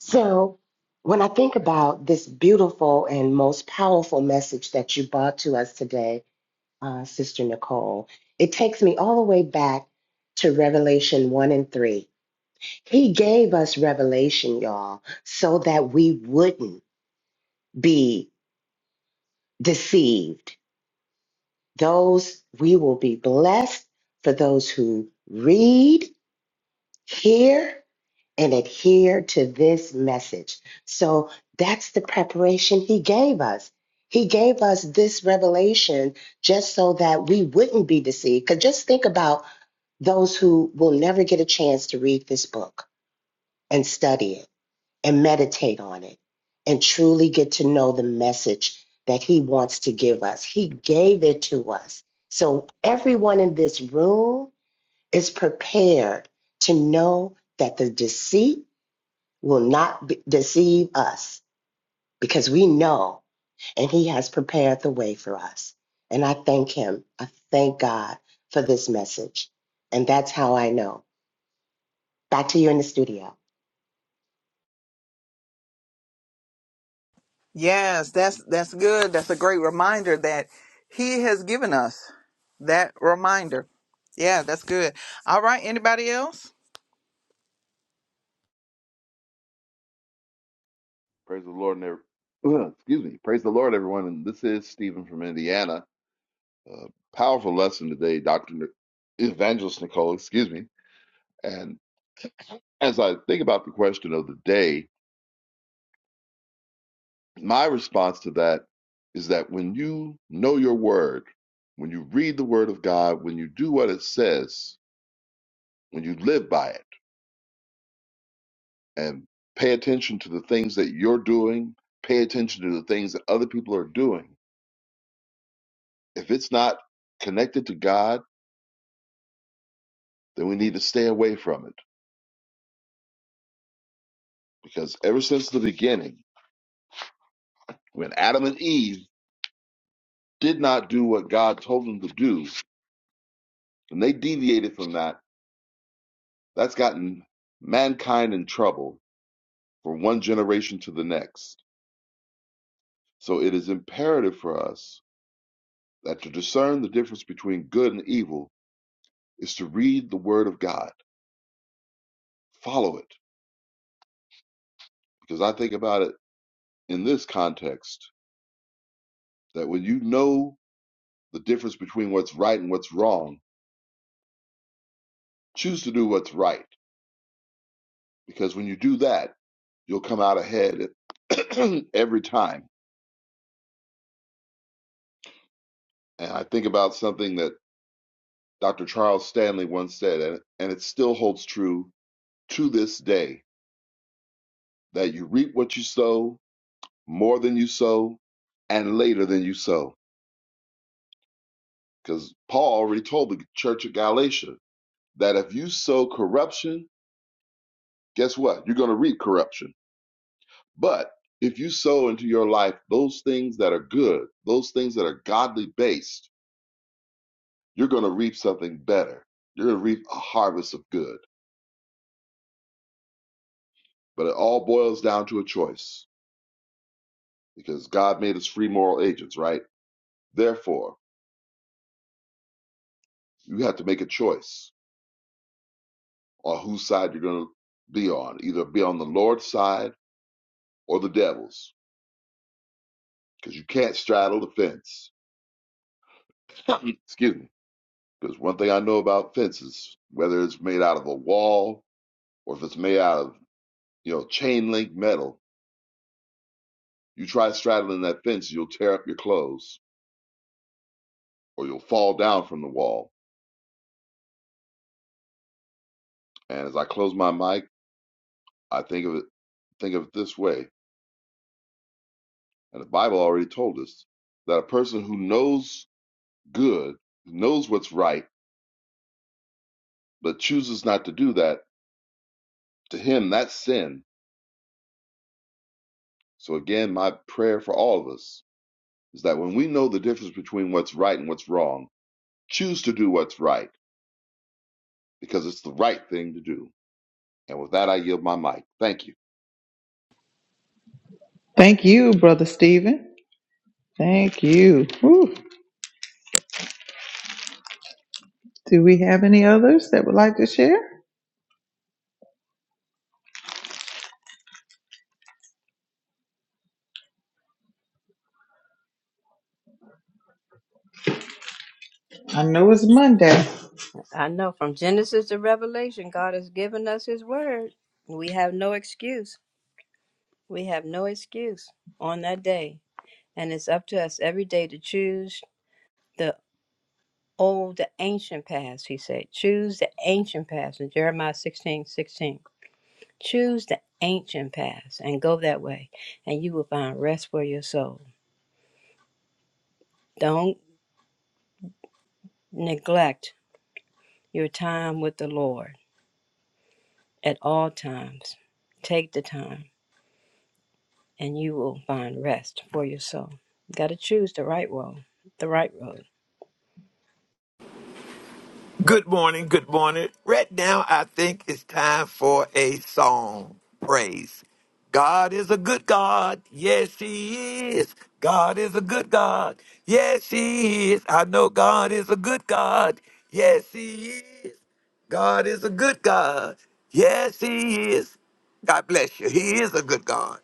[SPEAKER 7] So, when I think about this beautiful and most powerful message that you brought to us today, uh, Sister Nicole. It takes me all the way back to Revelation 1 and 3. He gave us revelation, y'all, so that we wouldn't be deceived. Those we will be blessed for those who read, hear, and adhere to this message. So that's the preparation he gave us. He gave us this revelation just so that we wouldn't be deceived. Because just think about those who will never get a chance to read this book and study it and meditate on it and truly get to know the message that he wants to give us. He gave it to us. So everyone in this room is prepared to know that the deceit will not be- deceive us because we know and he has prepared the way for us. And I thank him. I thank God for this message. And that's how I know. Back to you in the studio.
[SPEAKER 1] Yes, that's that's good. That's a great reminder that he has given us that reminder. Yeah, that's good. All right, anybody else?
[SPEAKER 8] Praise the Lord, and every, excuse me. Praise the Lord, everyone. And this is Stephen from Indiana. Uh, powerful lesson today, Doctor N- Evangelist Nicole. Excuse me. And as I think about the question of the day, my response to that is that when you know your word, when you read the word of God, when you do what it says, when you live by it, and pay attention to the things that you're doing, pay attention to the things that other people are doing. If it's not connected to God then we need to stay away from it. Because ever since the beginning, when Adam and Eve did not do what God told them to do, and they deviated from that, that's gotten mankind in trouble from one generation to the next. So it is imperative for us that to discern the difference between good and evil is to read the Word of God, follow it. Because I think about it in this context that when you know the difference between what's right and what's wrong, choose to do what's right because when you do that, you'll come out ahead every time. And I think about something that Dr. Charles Stanley once said, and, and it still holds true to this day that you reap what you sow, more than you sow, and later than you sow. Because Paul already told the church of Galatia that if you sow corruption, guess what? You're going to reap corruption. But if you sow into your life those things that are good, those things that are godly based, you're going to reap something better. You're going to reap a harvest of good. But it all boils down to a choice because God made us free moral agents, right? Therefore, you have to make a choice on whose side you're going to be on, either be on the Lord's side or the devil's, because you can't straddle the fence. Excuse me. Because one thing I know about fences, whether it's made out of a wall or if it's made out of, you know, chain link metal, you try straddling that fence, you'll tear up your clothes or you'll fall down from the wall And as I close my mic, I think of it think of it this way, and the Bible already told us that a person who knows good, who knows what's right, but chooses not to do that, to him that's sin. So again, my prayer for all of us is that when we know the difference between what's right and what's wrong, choose to do what's right because it's the right thing to do. And with that, I yield my mic. Thank you.
[SPEAKER 1] Thank you, Brother Stephen. Thank you. Whew. Do we have any others that would like to share? I know it's Monday.
[SPEAKER 4] I know from Genesis to Revelation, God has given us his word. We have no excuse. We have no excuse on that day. And it's up to us every day to choose the old, the ancient past, he said. Choose the ancient past in Jeremiah 16 16. Choose the ancient past and go that way, and you will find rest for your soul. Don't neglect your time with the Lord at all times. Take the time and you will find rest for your soul. Got to choose the right road, the right road.
[SPEAKER 5] Good morning, good morning. Right now, I think it's time for a song. Praise. God is a good God. Yes, He is. God is a good God. Yes, He is. I know God is a good God. Yes, He is. God is a good God. Yes, He is. God bless you. He is a good God.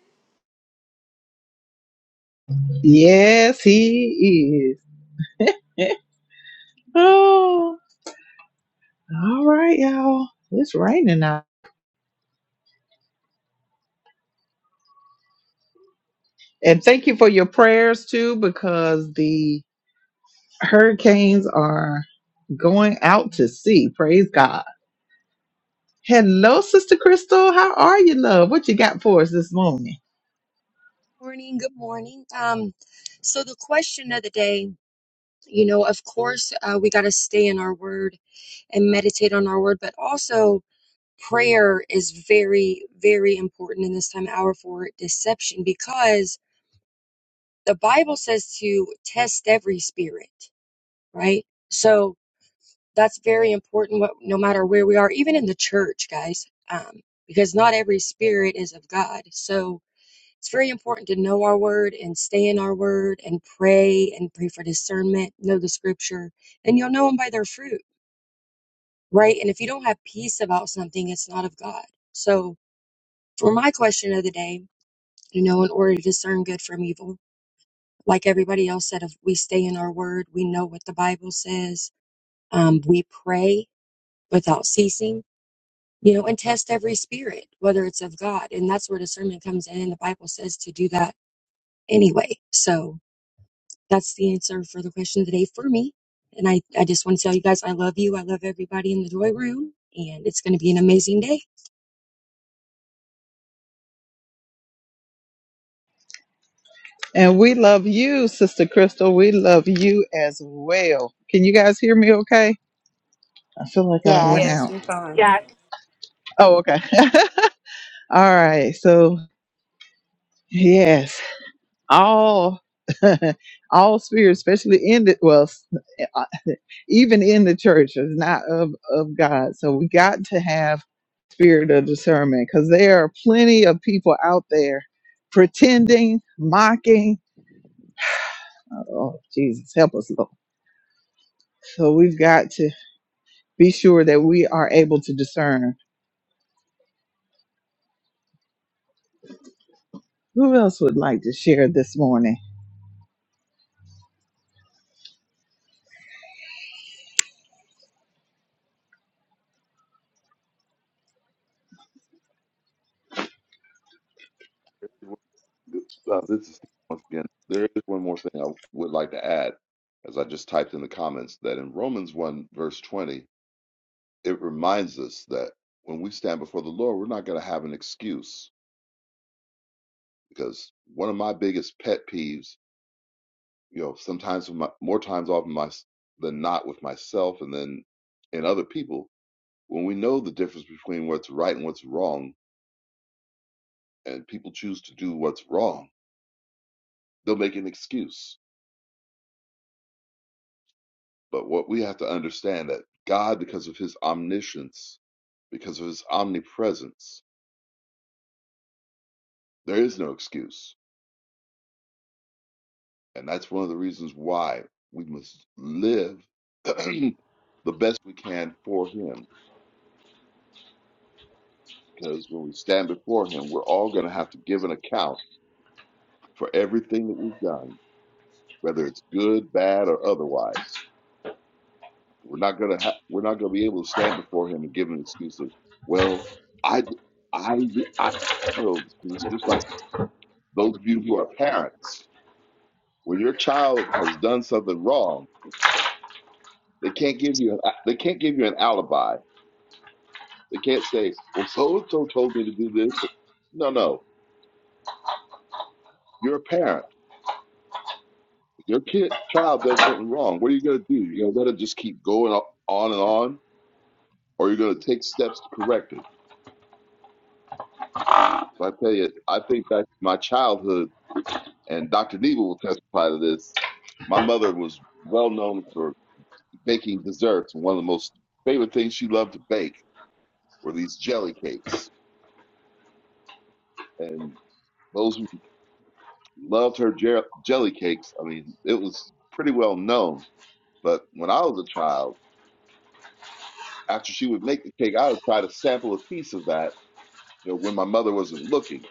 [SPEAKER 1] Yes, he is. Oh, all right, y'all. It's raining out. And thank you for your prayers too, because the hurricanes are going out to sea. Praise God. Hello, Sister Crystal. How are you, love? What you got for us this morning?
[SPEAKER 9] Morning, good morning. Um, so the question of the day, you know, of course, uh, we got to stay in our word and meditate on our word, but also prayer is very, very important in this time hour for deception because the Bible says to test every spirit, right? So that's very important, what, no matter where we are, even in the church, guys, um, because not every spirit is of God. So, It's very important to know our word and stay in our word and pray and pray for discernment, know the scripture, and you'll know them by their fruit, right? And if you don't have peace about something, it's not of God. So, for my question of the day, you know, in order to discern good from evil, like everybody else said, if we stay in our word, we know what the Bible says, um, we pray without ceasing, you know, and test every spirit, whether it's of God. And that's where discernment comes in. The Bible says to do that anyway. So, that's the answer for the question of the day for me. And I, I just want to tell you guys I love you. I love everybody in the joy room. And it's going to be an amazing day.
[SPEAKER 1] And we love you, Sister Crystal. We love you as well. Can you guys hear me okay? I feel like I done went
[SPEAKER 7] Yes,
[SPEAKER 1] out.
[SPEAKER 4] Yes, you're fine.
[SPEAKER 6] Yes,
[SPEAKER 1] Oh, okay. All right. So, yes. all all spirits, especially in the well, s- uh, even in the church, is not of of God. So we got to have spirit of discernment because there are plenty of people out there pretending, mocking. Oh Jesus, help us, Lord! So we've got to be sure that we are able to discern. Who else would like to share this morning?
[SPEAKER 8] Uh, this is Steve once again. There is one more thing I would like to add, as I just typed in the comments, that in Romans 1, verse 20, it reminds us that when we stand before the Lord, we're not going to have an excuse. Because one of my biggest pet peeves, you know, sometimes with my, more times often my, than not with myself and then in other people, when we know the difference between what's right and what's wrong, and people choose to do what's wrong, they'll make an excuse But what we have to understand that God, because of his omniscience, because of his omnipresence, there is no excuse. And that's one of the reasons why we must live the best we can for him. Because when we stand before him, we're all going to have to give an account for everything that we've done, whether it's good, bad, or otherwise. We're not going to ha- we're not going to be able to stand before him and give an excuse of, well, I I I you know, 'cause it's just like Those of you who are parents, when your child has done something wrong, they can't give you an, they can't give you an alibi. They can't say, "Well, so and so told me to do this." No, no, you're a parent. If Your kid child does something wrong. What are you going to do? You're going to let it just keep going on and on, or you're going to take steps to correct it. But I tell you, I think back to my childhood, and Dr. Neva will testify to this my mother was well known for baking desserts. and One of the most favorite things she loved to bake were these jelly cakes. And those who loved her jer- jelly cakes, I mean, it was pretty well known. But when I was a child, after she would make the cake, I would try to sample a piece of that, you know, when my mother wasn't looking.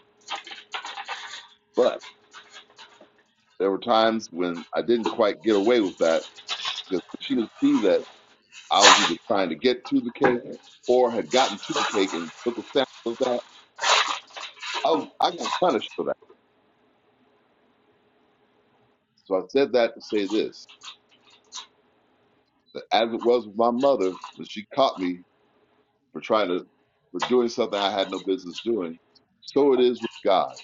[SPEAKER 8] But there were times when I didn't quite get away with that because she would see that I was either trying to get to the cake or had gotten to the cake and took a sample of that. I was I got punished for that. So I said that to say this, that as it was with my mother, when she caught me for trying to for doing something I had no business doing. So it is with God,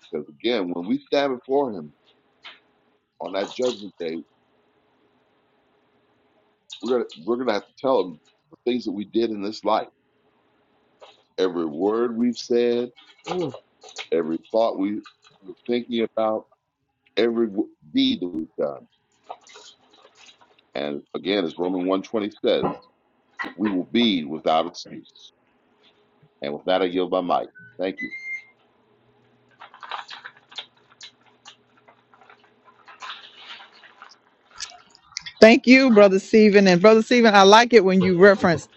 [SPEAKER 8] because again, when we stand before Him on that judgment day, we're gonna we're gonna have to tell Him the things that we did in this life, every word we've said,
[SPEAKER 10] Oh.
[SPEAKER 8] every thought we were thinking about, every w- deed that we've done. And again, as Romans one twenty says, we will be without excuse. And with that, I yield my mic. Thank you.
[SPEAKER 1] Thank you, Brother Stephen. And Brother Stephen, I like it when you reference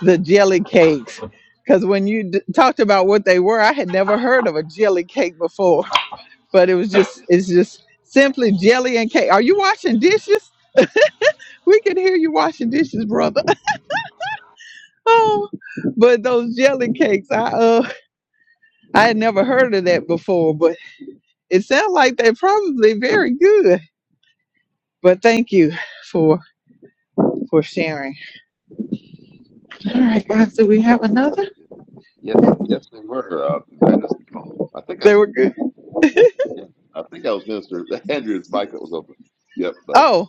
[SPEAKER 1] the jelly cakes because when you d- talked about what they were, I had never heard of a jelly cake before. But it was just, it's just simply jelly and cake. Are you washing dishes? We can hear you washing dishes, brother. oh, but those jelly cakes, I uh, I had never heard of that before. But it sounds like they're probably very good. But thank you for for sharing. All right, guys, do we have another?
[SPEAKER 8] Yes, yes, they were. Uh, that is the call. I think
[SPEAKER 1] They
[SPEAKER 8] that's.
[SPEAKER 1] were good.
[SPEAKER 8] Yeah, I think I was Minister Andrew's mic was open. Yep, but
[SPEAKER 1] Oh.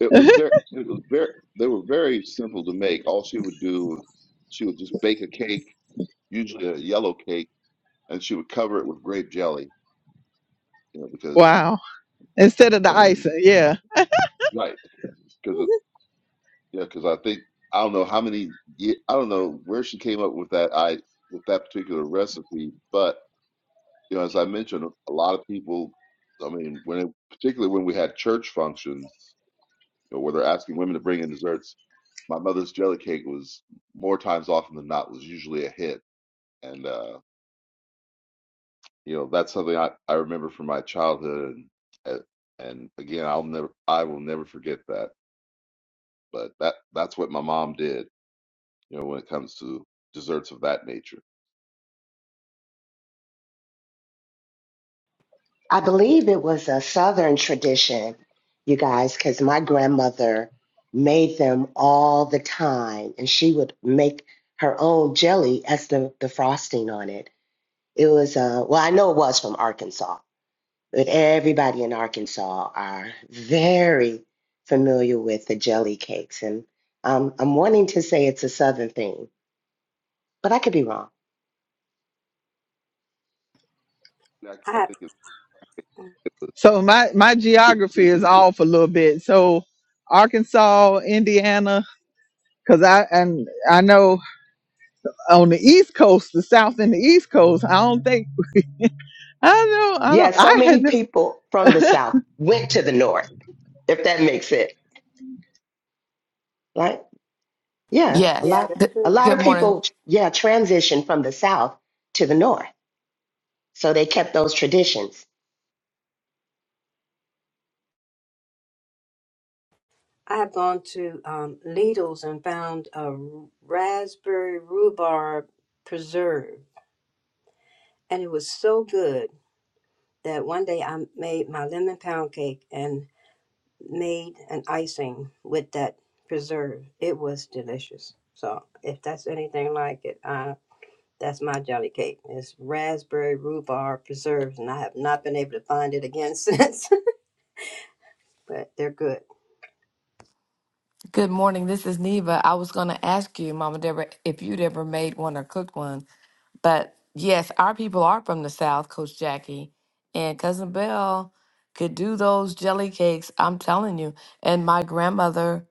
[SPEAKER 8] it was very, it was very, they were very simple to make. All she would do, she would just bake a cake, usually a yellow cake, and she would cover it with grape jelly. You know, because
[SPEAKER 1] Wow. Instead of
[SPEAKER 8] I
[SPEAKER 1] the
[SPEAKER 8] mean,
[SPEAKER 1] icing, yeah.
[SPEAKER 8] right? Because yeah, because I think I don't know how many, ye- I don't know where she came up with that I with that particular recipe, but you know, as I mentioned, a lot of people. I mean, when it, particularly when we had church functions. you know, where they're asking women to bring in desserts. My mother's jelly cake was more times often than not was usually a hit, and uh, you know that's something I, I remember from my childhood, and, and again I'll never I will never forget that. But that that's what my mom did, you know, when it comes to desserts of that nature.
[SPEAKER 7] I believe it was a Southern tradition, you guys, because my grandmother made them all the time, and she would make her own jelly as the, the frosting on it. It was, uh, well, I know it was from Arkansas, but everybody in Arkansas are very familiar with the jelly cakes. And um, I'm wanting to say it's a Southern thing, but I could be wrong.
[SPEAKER 8] Jackie,
[SPEAKER 4] I
[SPEAKER 8] I
[SPEAKER 4] have,
[SPEAKER 8] think it's,
[SPEAKER 1] So my my geography
[SPEAKER 8] it was
[SPEAKER 1] is off a little bit. So Arkansas, Indiana, because
[SPEAKER 8] well,
[SPEAKER 1] I and I know on the East Coast, the South and the East Coast, I don't think I know I
[SPEAKER 7] Yeah,
[SPEAKER 1] don't
[SPEAKER 7] so
[SPEAKER 1] I had
[SPEAKER 7] many
[SPEAKER 1] no
[SPEAKER 7] people from the South went to the North if that makes sense. right, yeah, a
[SPEAKER 11] Yes.
[SPEAKER 4] yeah,
[SPEAKER 7] lot
[SPEAKER 4] that's
[SPEAKER 11] Good,
[SPEAKER 7] a
[SPEAKER 4] true.
[SPEAKER 7] lot
[SPEAKER 11] good
[SPEAKER 7] of
[SPEAKER 11] morning.
[SPEAKER 7] people, yeah, transition from the South to the North. So they kept those traditions.
[SPEAKER 4] I have gone to um, Lidl's and found a raspberry rhubarb preserve, and it was so good that one day I made my lemon pound cake, and made an icing with that preserve. It was delicious. So if that's anything like it, uh, that's my jelly cake. It's raspberry rhubarb preserves, and I have not been able to find it again since. but they're good.
[SPEAKER 11] Good morning. This is Neva. I was going to ask you, Mama Deborah, if you'd ever made one or cooked one. But yes, our people are from the South, Coach Jackie. And Cousin Belle could do those jelly cakes. I'm telling you. And my grandmother,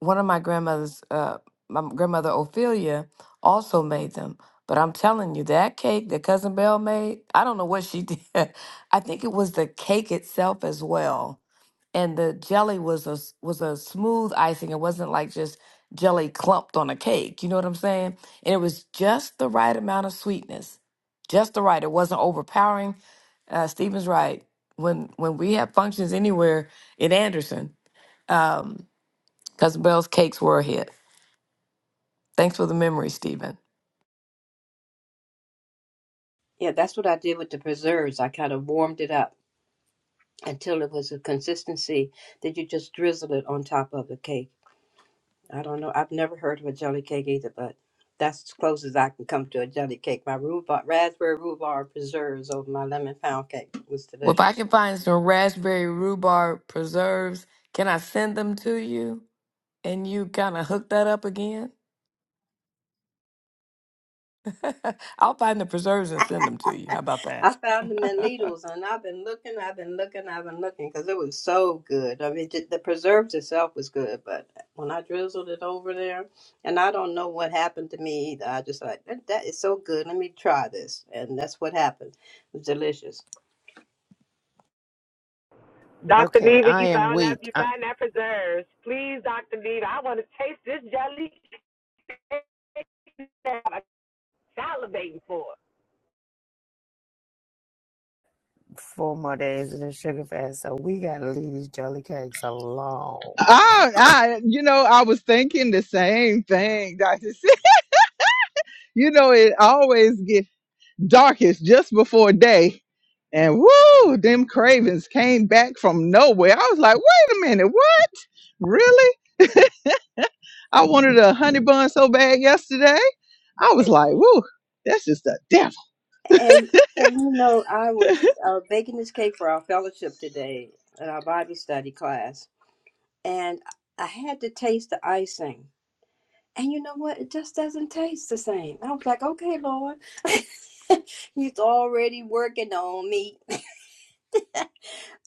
[SPEAKER 11] one of my grandmothers, uh, my grandmother Ophelia, also made them. But I'm telling you, that cake that Cousin Belle made, I don't know what she did. I think it was the cake itself as well and the jelly was a s- was a smooth icing. It wasn't like just jelly clumped on a cake. You know what I'm saying? And it was just the right amount of sweetness, just the right. It wasn't overpowering. Uh, Stephen's right. When when we have functions anywhere in Anderson, um, Cousin Bell's cakes were a hit. Thanks for the memory, Stephen.
[SPEAKER 4] Yeah, that's what I did with the preserves. I kind of warmed it up until it was a consistency that you just drizzle it on top of the cake I don't know. I've never heard of a jelly cake either, but that's as close as I can come to a jelly cake. My rhubarb, raspberry rhubarb preserves over my lemon pound cake was
[SPEAKER 11] Well, if I
[SPEAKER 4] delicious.
[SPEAKER 11] can find some raspberry rhubarb preserves, can I send them to you and you kind of hook that up again? I'll find the preserves and send them to you. How about that?
[SPEAKER 4] I found them in Lidl's, and I've been looking, I've been looking, I've been looking because it was so good. I mean, ju- the preserves itself was good, but when I drizzled it over there, and I don't know what happened to me either. I just like that that is so good. Let me try this, and that's what happened. It was delicious.
[SPEAKER 6] Dr.
[SPEAKER 3] okay
[SPEAKER 6] Neva,
[SPEAKER 3] i
[SPEAKER 6] you
[SPEAKER 3] am
[SPEAKER 6] found that
[SPEAKER 3] weak
[SPEAKER 6] you
[SPEAKER 3] I,
[SPEAKER 6] found that preserves. Please, Dr. Neva, I want to taste this jelly. cake that I'm salivating for.
[SPEAKER 3] four more days of the sugar fast so we gotta leave these jelly cakes alone
[SPEAKER 1] I, I you know I was thinking the same thing. you know it always gets. darkest just before day. And woo, them cravings came back from nowhere. I was like, wait a minute, what? Really? I wanted a honey bun so bad yesterday. I was like, woo, that's just the devil.
[SPEAKER 4] And and you know, I was uh, baking this cake for our fellowship today at our Bible study class, and I had to taste the icing. And you know what? It just doesn't taste the same. I was like, okay, Lord, He's already working on me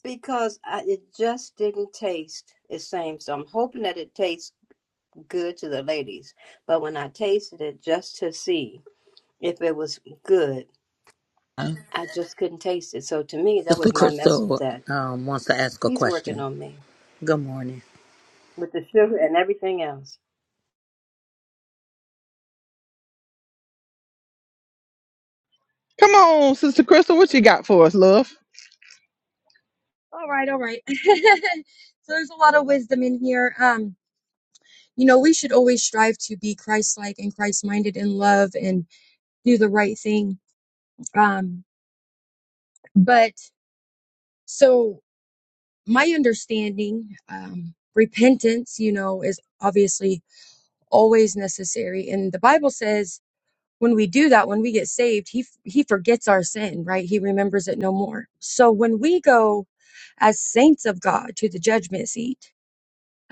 [SPEAKER 4] because I, it just didn't taste the same. So I'm hoping that it tastes good to the ladies. But when I tasted it just to see if it was good, I just couldn't taste it. So to me, that
[SPEAKER 12] Sister
[SPEAKER 4] was my message
[SPEAKER 12] Crystal
[SPEAKER 4] that.
[SPEAKER 12] um, wants to ask a
[SPEAKER 4] He's working
[SPEAKER 12] question.
[SPEAKER 4] on me
[SPEAKER 12] Good morning.
[SPEAKER 4] with the sugar and everything else.
[SPEAKER 1] Come on, Sister Crystal, what you got for us, love?
[SPEAKER 9] All right, all right. so there's a lot of wisdom in here. Um, you know, we should always strive to be Christ like and Christ minded in love and do the right thing. Um, but so my understanding, um, repentance, you know, is obviously always necessary. And the Bible says when we do that when we get saved he he forgets our sin right he remembers it no more so when we go as saints of god to the judgment seat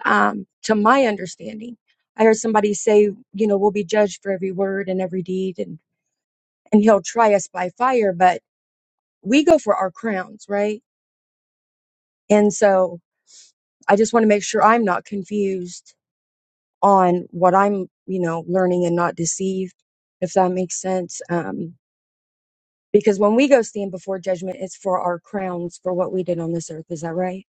[SPEAKER 9] um to my understanding i heard somebody say you know we'll be judged for every word and every deed and and he'll try us by fire but we go for our crowns right and so i just want to make sure i'm not confused on what i'm you know learning and not deceived if that makes sense Um. Because when we go stand before judgment, it's for our crowns, for what we did on this earth. Is that right?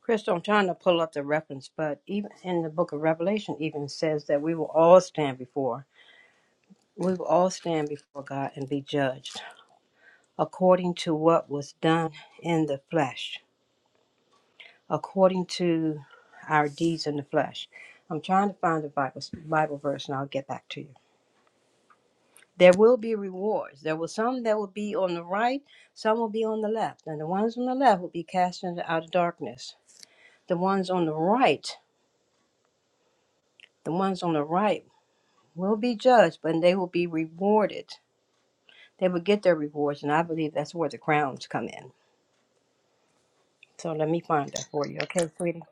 [SPEAKER 4] Crystal, I'm trying to pull up the reference, but even in the book of Revelation, even says that we will all stand before, we will all stand before God and be judged according to what was done in the flesh, according to our deeds in the flesh. I'm trying to find the Bible, Bible verse and I'll get back to you. There will be rewards. There will some that will be on the right, some will be on the left, and the ones on the left will be cast into outer darkness the ones on the right, the ones on the right will be judged, but they will be rewarded. They will get their rewards, and I believe that's where the crowns come in. So let me find that for you, okay, sweetie?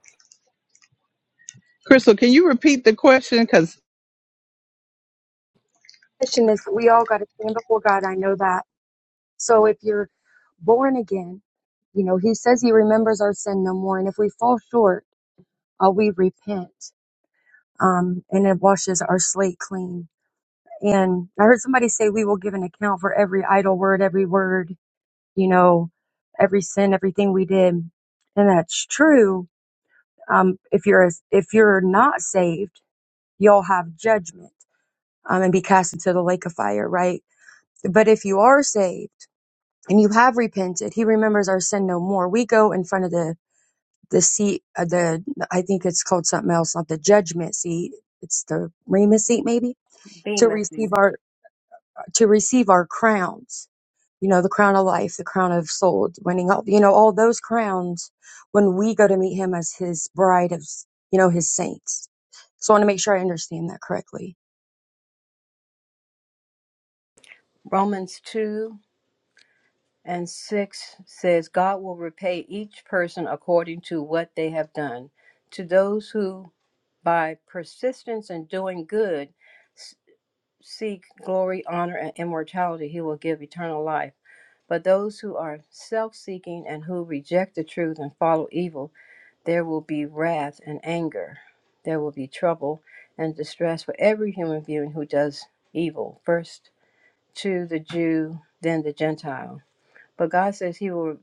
[SPEAKER 1] Crystal, can you repeat the question? Because,
[SPEAKER 9] Question is, we all got to stand before God. I know that. So if you're born again, you know, He says He remembers our sin no more. And if we fall short, uh, we repent um, and it washes our slate clean. And I heard somebody say, we will give an account for every idle word, every word, you know, every sin, everything we did. And that's true. Um, if you're, if you're not saved, you'll have judgment um, and be cast into the lake of fire, right? But if you are saved and you have repented, he remembers our sin no more. We go in front of the the seat, uh, the I think it's called something else, not the judgment seat. It's the Remus seat, maybe
[SPEAKER 4] Be
[SPEAKER 9] to
[SPEAKER 4] with
[SPEAKER 9] receive
[SPEAKER 4] you.
[SPEAKER 9] our to receive our crowns. You know, the crown of life, the crown of soul, winning all. You know, all those crowns when we go to meet him as his bride of, you know, his saints. So I want to make sure I understand that correctly.
[SPEAKER 4] Romans 2 and 6 says, God will repay each person according to what they have done. To those who, by persistence in doing good, s- seek glory, honor, and immortality, he will give eternal life But those who are self seeking and who reject the truth and follow evil, there will be wrath and anger. There will be trouble and distress for every human being who does evil, first to the Jew, then the Gentile. But God says He will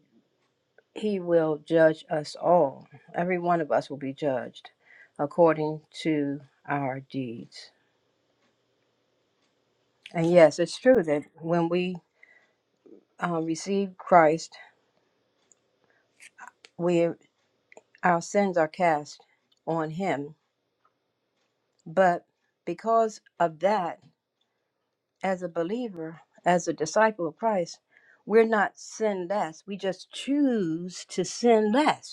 [SPEAKER 4] He will judge us all. Every one of us will be judged according to our deeds. And yes, it's true that when we uh, receive Christ, we our sins are cast on Him But because of that, as a believer, as a disciple of Christ, we're not sin less. We just choose to sin less.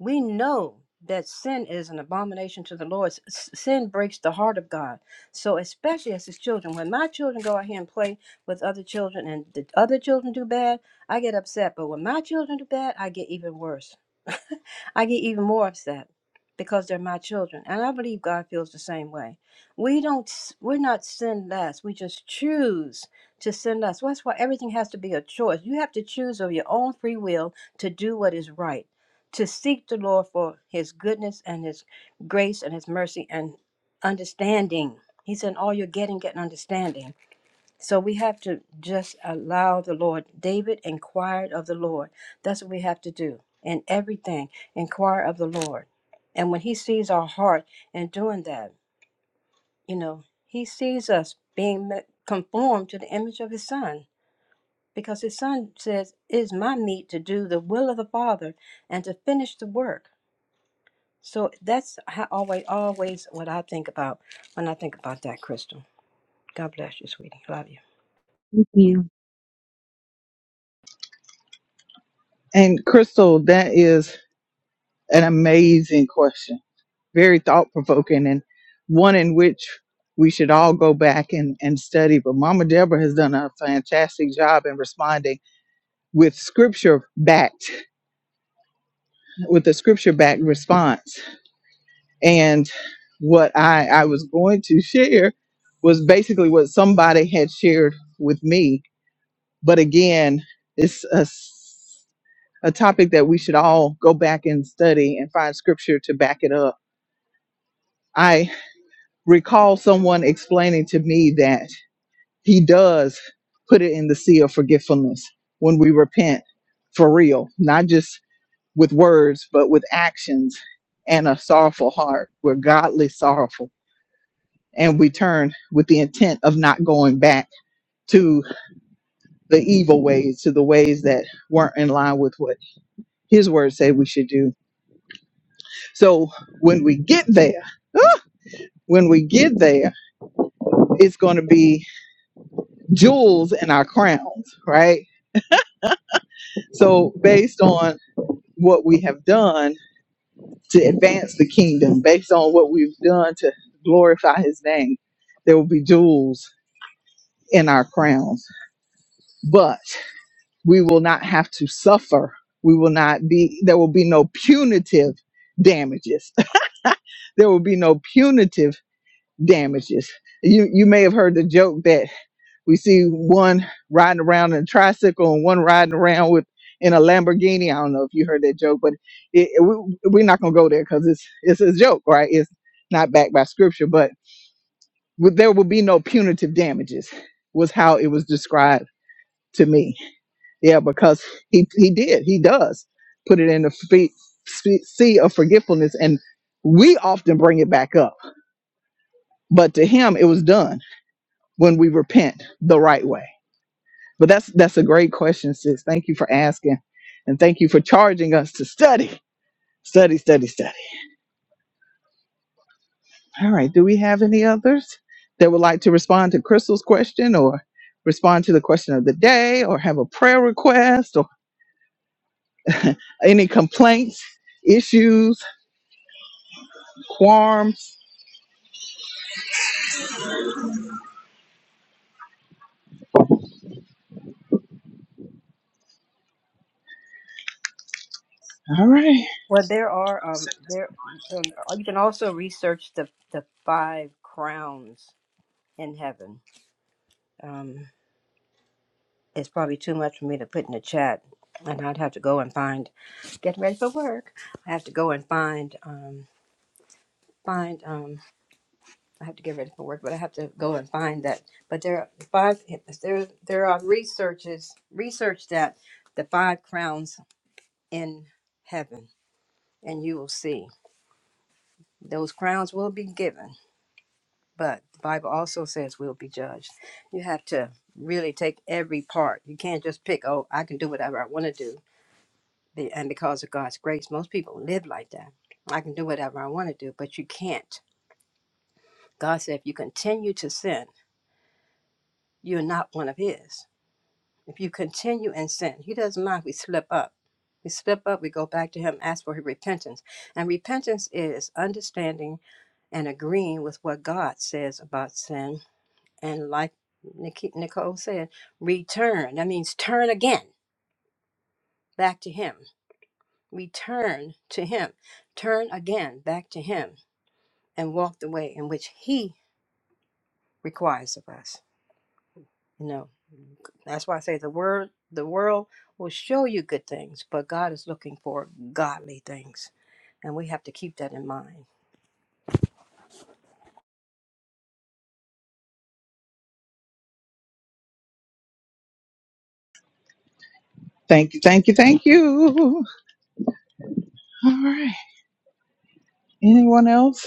[SPEAKER 4] We know that sin is an abomination to the Lord. S- Sin breaks the heart of God. So, especially as his children, when my children go out here and play with other children and the other children do bad, I get upset. But when my children do bad, I get even worse. I get even more upset because they're my children. And I believe God feels the same way. We don't s- we're not sin less. We just choose to sin less. Well, That's why everything has to be a choice. You have to choose of your own free will to do what is right to seek the Lord for his goodness and his grace and his mercy and understanding. He said, All you're getting, get understanding. So we have to just allow the Lord. David inquired of the Lord. That's what we have to do in everything. Inquire of the Lord. And when he sees our heart and doing that, you know, he sees us being conformed to the image of his son. Because his son says, It is my meat to do the will of the Father and to finish the work. So that's how always always what I think about when I think about that crystal. God bless you, sweetie. Love you.
[SPEAKER 1] and Crystal, that is an amazing question, very thought provoking, and one in which we should all go back and, and study. But Mama Deborah has done a fantastic job in responding with scripture backed, with the scripture backed response. And what I, I was going to share was basically what somebody had shared with me. But again, it's a a topic that we should all go back and study and find scripture to back it up. I recall someone explaining to me that he does put it in the sea of forgetfulness when we repent for real, not just with words, but with actions and a sorrowful heart. We're godly sorrowful. And we turn with the intent of not going back to the evil ways, to the ways that weren't in line with what his word said we should do. So when we get there, when we get there, it's going to be jewels in our crowns, right? So, based on what we have done to advance the kingdom, based on what we've done to glorify his name, there will be jewels in our crowns. But we will not have to suffer. We will not be, there will be no punitive damages. there will be no punitive damages. You, you may have heard the joke that We see one riding around in a tricycle and one riding around with in a Lamborghini. I don't know if you heard that joke, but it, it- we, we're not gonna go there because it's it's a joke, right? It's not backed by scripture, but with- there will be no punitive damages. Was how it was described to me. Yeah, because he he did. He does put it in the feet, fe- sea of forgetfulness, and we often bring it back up. But to him, it was done when we repent the right way. But that's that's a great question, sis. Thank you for asking, and thank you for charging us to study, study, study, study. All right. Do we have any others that would like to respond to Crystal's question, or respond to the question of the day, or have a prayer request, or any complaints, issues, qualms? All right.
[SPEAKER 4] Well, there are um there um, you can also research the the five crowns in heaven. Um, it's probably too much for me to put in the chat, and I'd have to go and find. Getting ready for work. I have to go and find um find um I have to get ready for work, but I have to go and find that. But there are five there there are researches research that the five crowns in heaven, and you will see those crowns will be given. But the Bible also says we'll be judged. You have to really take every part. You can't just pick. Oh, I can do whatever I want to do, Be- and because of God's grace, most people live like that. I can do whatever I want to do, but you can't. God said, if you continue to sin, you're not one of His If you continue in sin, He doesn't mind if we slip up. We slip up, we go back to Him, ask for repentance. And repentance is understanding and agreeing with what God says about sin. And like Nicole said, return. That means turn again back to Him. Return to Him. Turn again back to Him and walk the way in which He requires of us. You know. That's why I say the word, the world will show you good things, but God is looking for godly things, and we have to keep that in mind.
[SPEAKER 1] Thank you, thank you, thank you. All right. Anyone else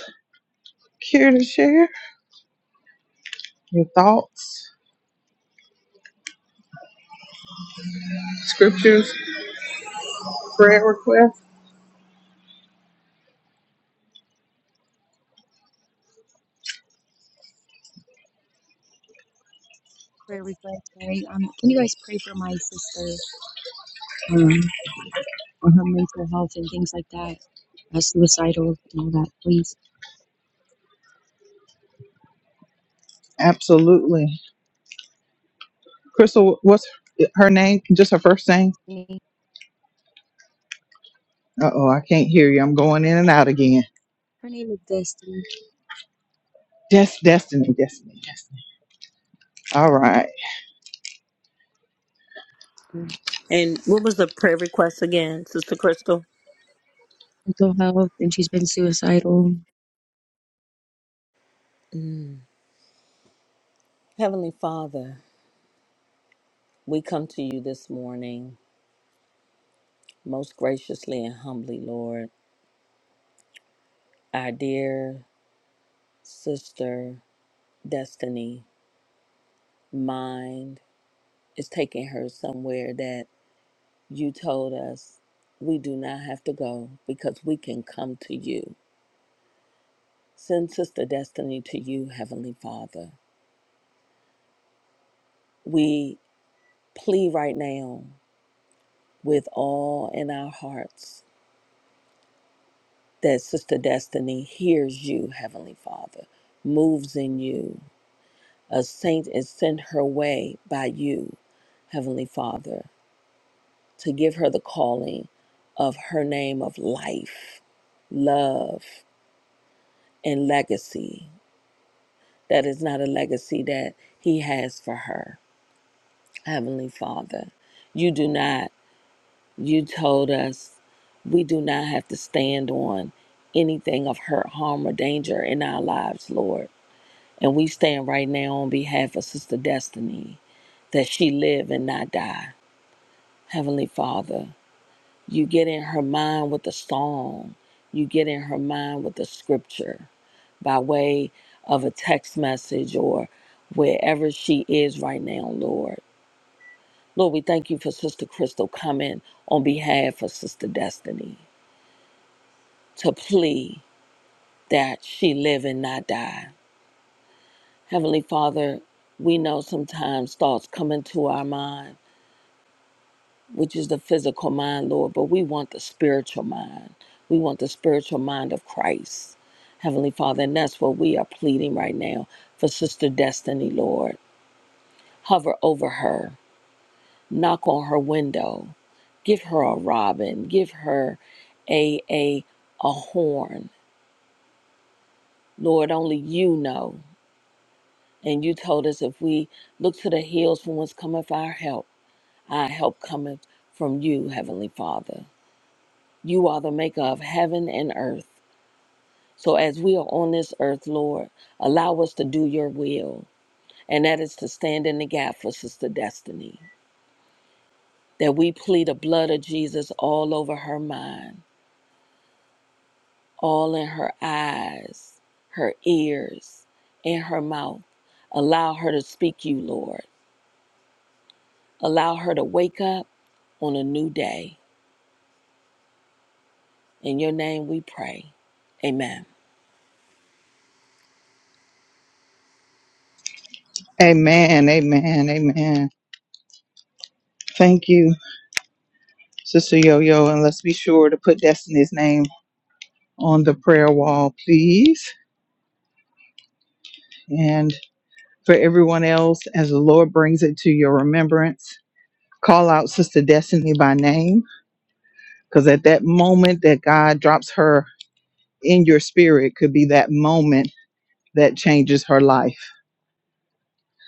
[SPEAKER 1] care to share your thoughts, scriptures, prayer requests?
[SPEAKER 9] prayer request, right? Um, can you guys pray for my sister, um, and her mental health and things like that, uh, suicidal and all that, please?
[SPEAKER 1] Absolutely. Crystal, what's her name? Just her first name?
[SPEAKER 9] Her name
[SPEAKER 1] Uh oh, I can't hear you. I'm going in and out again.
[SPEAKER 9] her name is Destiny,
[SPEAKER 1] Des- destiny, destiny, destiny. All right.
[SPEAKER 12] And what was the prayer request again, Sister Crystal?
[SPEAKER 9] mental health, and she's been suicidal.
[SPEAKER 12] Mm. Heavenly Father, we come to you this morning, most graciously and humbly, Lord. Our dear sister, Destiny, mind is taking her somewhere that you told us we do not have to go because we can come to you. Send Sister Destiny to you, Heavenly Father. We plea right now with all in our hearts that Sister Destiny hears you, Heavenly Father, moves in you. A saint is sent her way by you, Heavenly Father, to give her the calling of her name of life, love, and legacy. That is not a legacy that He has for her, Heavenly Father. You do not. You told us We do not have to stand on anything of hurt, harm, or danger in our lives, Lord. And we stand right now on behalf of Sister Destiny that she live and not die. Heavenly Father, you get in her mind with a song, you get in her mind with a scripture by way of a text message or wherever she is right now, Lord. Lord, we thank you for Sister Crystal coming on behalf of Sister Destiny to plea. that she live and not die. Heavenly Father, we know sometimes thoughts come into our mind, which is the physical mind, Lord, but we want the spiritual mind. We want the spiritual mind of Christ. Heavenly Father, and that's what we are pleading right now for Sister Destiny, Lord. Hover over her, knock on her window, give her a robin, give her a a a horn. Lord, only you know And you told us if we look to the hills from whence cometh our help, our help cometh from you, Heavenly Father. You are the maker of heaven and earth. So as we are on this earth, Lord, allow us to do your will, and that is to stand in the gap for Sister Destiny. That we plead the blood of Jesus all over her mind, all in her eyes, her ears, and her mouth. Allow her to speak you, Lord. Allow her to wake up on a new day In your name we pray. Amen.
[SPEAKER 1] Amen, amen, amen. Thank you, Sister Yo Yo. And let's be sure to put Destiny's name on the prayer wall, please. And for everyone else, as the Lord brings it to your remembrance, call out Sister Destiny by name. Because at that moment that God drops her in your spirit, could be that moment that changes her life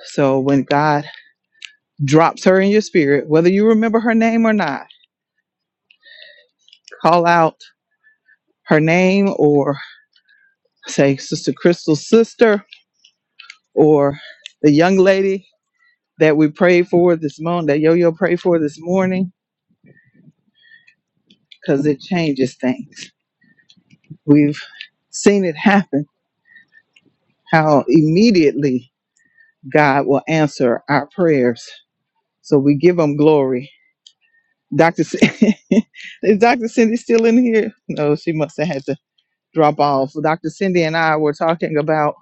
[SPEAKER 1] So when God drops her in your spirit, whether you remember her name or not, call out her name or say Sister Crystal's sister or the young lady that we prayed for this morning, that Yo-Yo prayed for this morning, because it changes things. We've seen it happen, how immediately God will answer our prayers. So we give him glory. Dr. C- Is Dr. Cindy still in here? No, she must have had to drop off. Dr. Cindy and I were talking about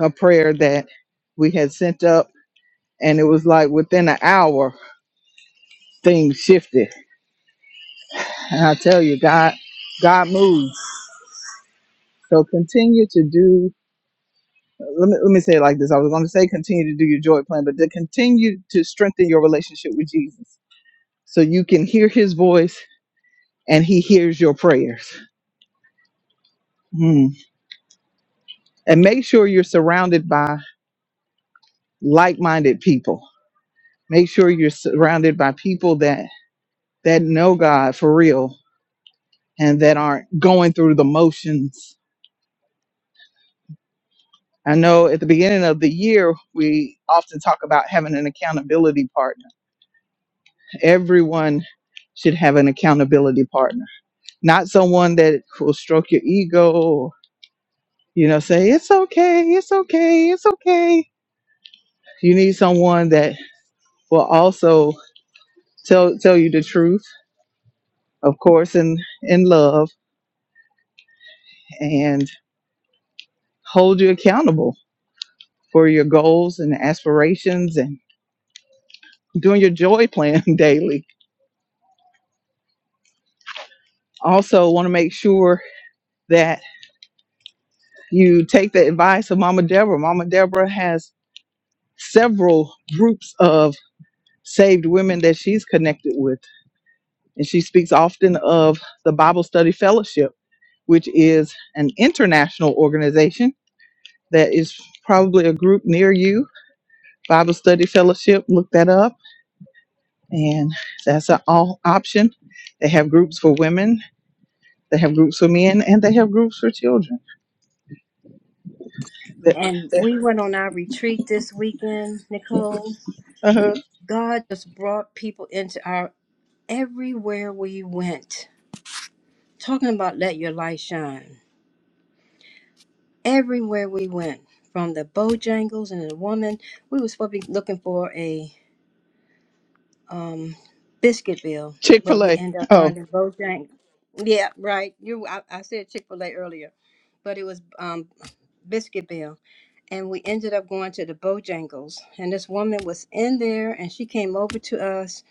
[SPEAKER 1] a prayer that we had sent up, and it was like within an hour, things shifted. And I tell you, God, God moves. So continue to do. Let me let me say it like this. I was going to say continue to do your joy plan, but to continue to strengthen your relationship with Jesus, so you can hear His voice and He hears your prayers. Mm. And make sure you're surrounded by like-minded people. Make sure you're surrounded by people that that know God for real and that aren't going through the motions. I know at the beginning of the year, we often talk about having an accountability partner. Everyone should have an accountability partner, not someone that will stroke your ego or, you know, say, it's okay, it's okay, it's okay. You need someone that will also tell, tell you the truth, of course, in, in love and hold you accountable for your goals and aspirations and doing your joy plan daily. Also, want to make sure that you take the advice of Mama Deborah. Mama Deborah has several groups of saved women that she's connected with, and she speaks often of the Bible Study Fellowship, which is an international organization that is probably a group near you. Bible Study Fellowship, look that up, and that's an all option. They have groups for women, they have groups for men, and they have groups for children That.
[SPEAKER 4] And we went on our retreat this weekend, Nicole.
[SPEAKER 1] Uh-huh.
[SPEAKER 4] God just brought people into our everywhere we went. Talking about let your light shine. Everywhere we went, from the Bojangles and the woman, we were supposed to be looking for a um Biscuitville,
[SPEAKER 1] Chick
[SPEAKER 4] but
[SPEAKER 1] fil
[SPEAKER 4] we
[SPEAKER 1] A.
[SPEAKER 4] end up
[SPEAKER 1] Oh,
[SPEAKER 4] finding Bojangles. Yeah, right. You, I, I said Chick Fil A earlier, but it was um Biscuitville, and we ended up going to the Bojangles, and this woman was in there, and she came over to us,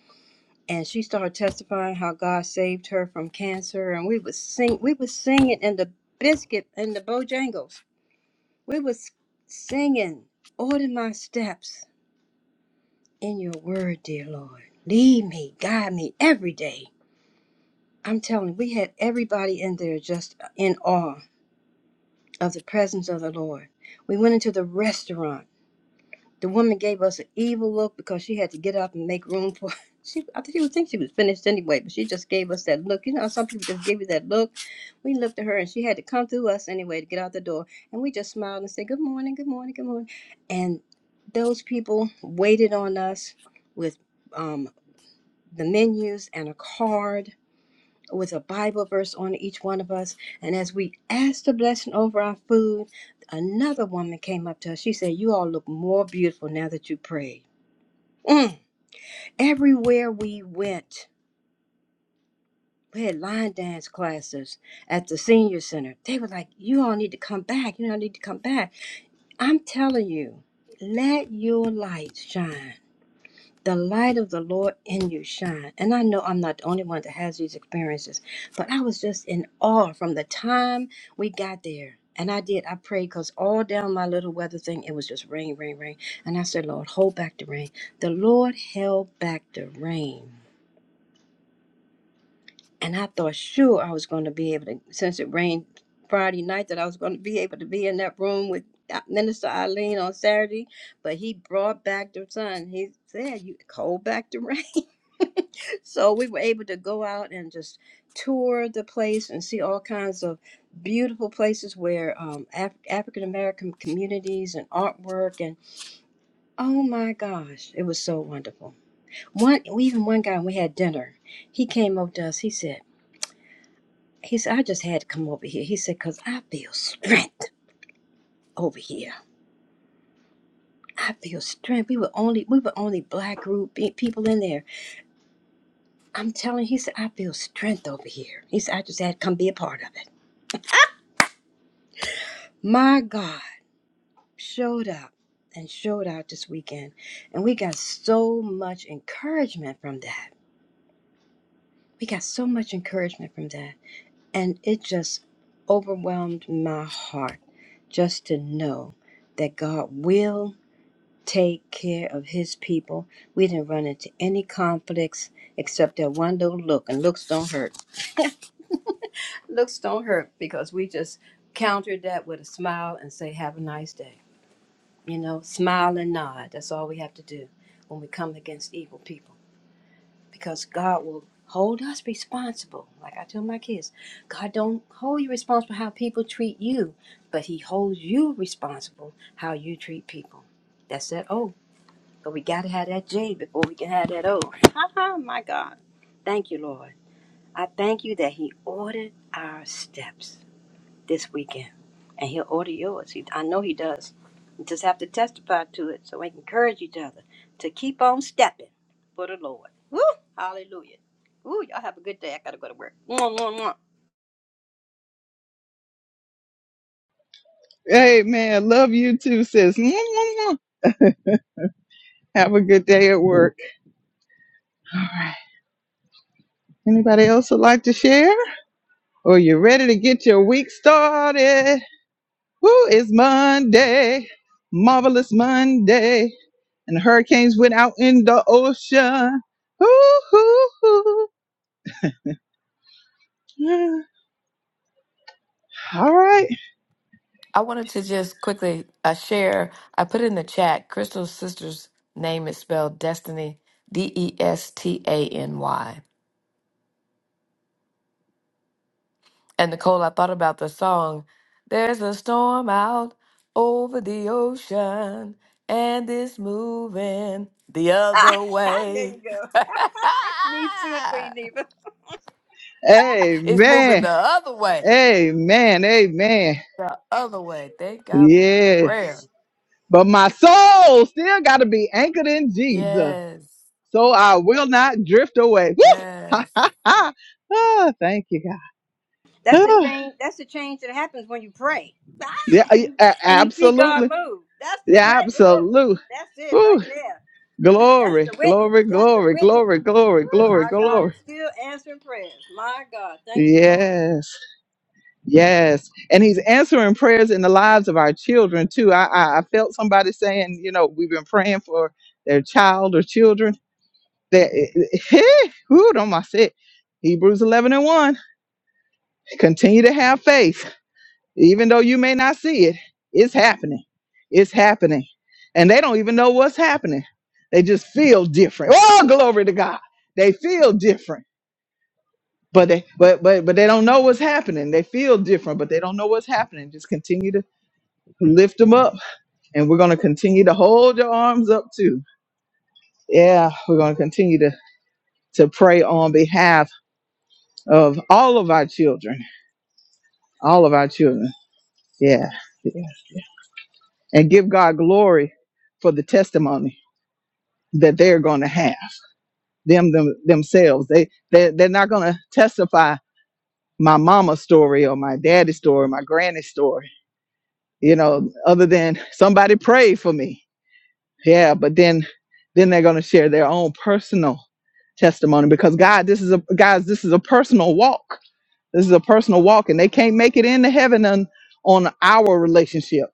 [SPEAKER 4] and she started testifying how God saved her from cancer, and we was sing, we was singing in the biscuit in the Bojangles, we was singing, order my steps in your word, dear Lord. Lead me, guide me every day. I'm telling you, we had everybody in there just in awe of the presence of the Lord. We went into the restaurant. The woman gave us an evil look because she had to get up and make room for. She, I think she would think she was finished anyway, but she just gave us that look. You know, how some people just give you that look. We looked at her, and she had to come through us anyway to get out the door, and we just smiled and said, "Good morning, good morning, good morning." And those people waited on us with um, the menus and a card with a Bible verse on each one of us. And as we asked the blessing over our food, another woman came up to us. She said, You all look more beautiful now that you prayed. Mm. Everywhere we went, we had line dance classes at the senior center. They were like, You all need to come back. You all need to come back. I'm telling you, let your light shine the light of the Lord in you shine. And I know I'm not the only one that has these experiences, but I was just in awe from the time we got there. And I did. I prayed because all down my little weather thing, it was just rain, rain, rain. And I said, Lord, hold back the rain. The Lord held back the rain. And I thought, sure, I was going to be able to, since it rained Friday night, that I was going to be able to be in that room with uh, Minister Eileen on Saturday. But he brought back the sun. He said, you hold back the rain so we were able to go out and just tour the place and see all kinds of beautiful places where um, Af- African American communities and artwork and oh my gosh, it was so wonderful. One we even one guy when we had dinner. He came over to us. He said he said I just had to come over here. He said because I feel strength over here. I feel strength. We were only we were only black group pe- people in there. I'm telling. He said I feel strength over here. He said I just had to come be a part of it. My God showed up and showed out this weekend. And we got so much encouragement from that. We got so much encouragement from that. And it just overwhelmed my heart just to know that God will take care of his people. We didn't run into any conflicts except that one little look, and looks don't hurt. Looks don't hurt because we just countered that with a smile and say, Have a nice day You know, smile and nod. That's all we have to do when we come against evil people. Because God will hold us responsible. Like I tell my kids, God don't hold you responsible how people treat you, but He holds you responsible how you treat people. That's that O. But we gotta have that J before we can have that O. my God. Thank you, Lord. I thank you that He ordered our steps this weekend, and he'll order yours. He, I know he does. You just have to testify to it so we can encourage each other to keep on stepping for the Lord. Woo! Hallelujah. Woo! Y'all have a good day. I gotta go to work. Mwah, mwah, mwah.
[SPEAKER 1] hey, man. Love you too, sis. Mwah, mwah, mwah. Have a good day at work. Anybody else would like to share? Or you ready to get your week started? Woo, it's Monday. Marvelous Monday. And the hurricanes went out in the ocean. Woo, hoo, hoo. Yeah. All right.
[SPEAKER 11] I wanted to just quickly uh, share. I put in the chat. Crystal's sister's name is spelled Destiny, D E S T A N Y. And Nicole, I thought about the song. There's a storm out over the ocean, and it's moving the
[SPEAKER 4] Ah,
[SPEAKER 11] other
[SPEAKER 4] there you
[SPEAKER 11] way.
[SPEAKER 4] go. Me too, Queen Eva.
[SPEAKER 11] it's moving
[SPEAKER 1] Amen.
[SPEAKER 11] the other way.
[SPEAKER 1] Amen. Amen.
[SPEAKER 11] The other way. Thank God for
[SPEAKER 1] Yes.
[SPEAKER 11] prayer.
[SPEAKER 1] But my soul still got to be anchored in Jesus.
[SPEAKER 11] Yes.
[SPEAKER 1] so I will not drift away. Woo!
[SPEAKER 11] Yes.
[SPEAKER 1] Ah, thank you, God.
[SPEAKER 4] That's the
[SPEAKER 1] Ah,
[SPEAKER 4] change. That's the change that happens when you pray
[SPEAKER 1] yeah, I- a-
[SPEAKER 4] and you see God
[SPEAKER 1] absolutely.
[SPEAKER 4] move. That's the
[SPEAKER 1] Yeah,
[SPEAKER 4] pray. Woo!
[SPEAKER 1] absolutely.
[SPEAKER 4] That's it right
[SPEAKER 1] Woo!
[SPEAKER 4] there. That's
[SPEAKER 1] Glory,
[SPEAKER 4] the witness.
[SPEAKER 1] glory,
[SPEAKER 4] That's the
[SPEAKER 1] glory,
[SPEAKER 4] witness.
[SPEAKER 1] glory, glory,
[SPEAKER 4] Woo,
[SPEAKER 1] glory,
[SPEAKER 4] our God is
[SPEAKER 1] glory.
[SPEAKER 4] still answering prayers. My God, thank you, Lord.
[SPEAKER 1] Yes, yes. And he's answering prayers in the lives of our children, too. I, I, I felt somebody saying, you know, we've been praying for their child or children. That, who don't I say? Hebrews 11 and 1. Continue to have faith even though you may not see it it's happening it's happening and they don't even know what's happening they just feel different oh glory to god they feel different but they but but but they don't know what's happening they feel different but they don't know what's happening just continue to lift them up and we're going to continue to hold your arms up too yeah we're going to continue to to pray on behalf of all of our children all of our children yeah, yeah. and give god glory for the testimony that they're going to have them, them themselves. They they they're not going to testify my mama's story or my daddy's story, my granny's story. You know, other than somebody prayed for me. Yeah, but then then they're going to share their own personal testimony because God, this is a guys, this is a personal walk. This is a personal walk, and they can't make it into heaven on on our relationship.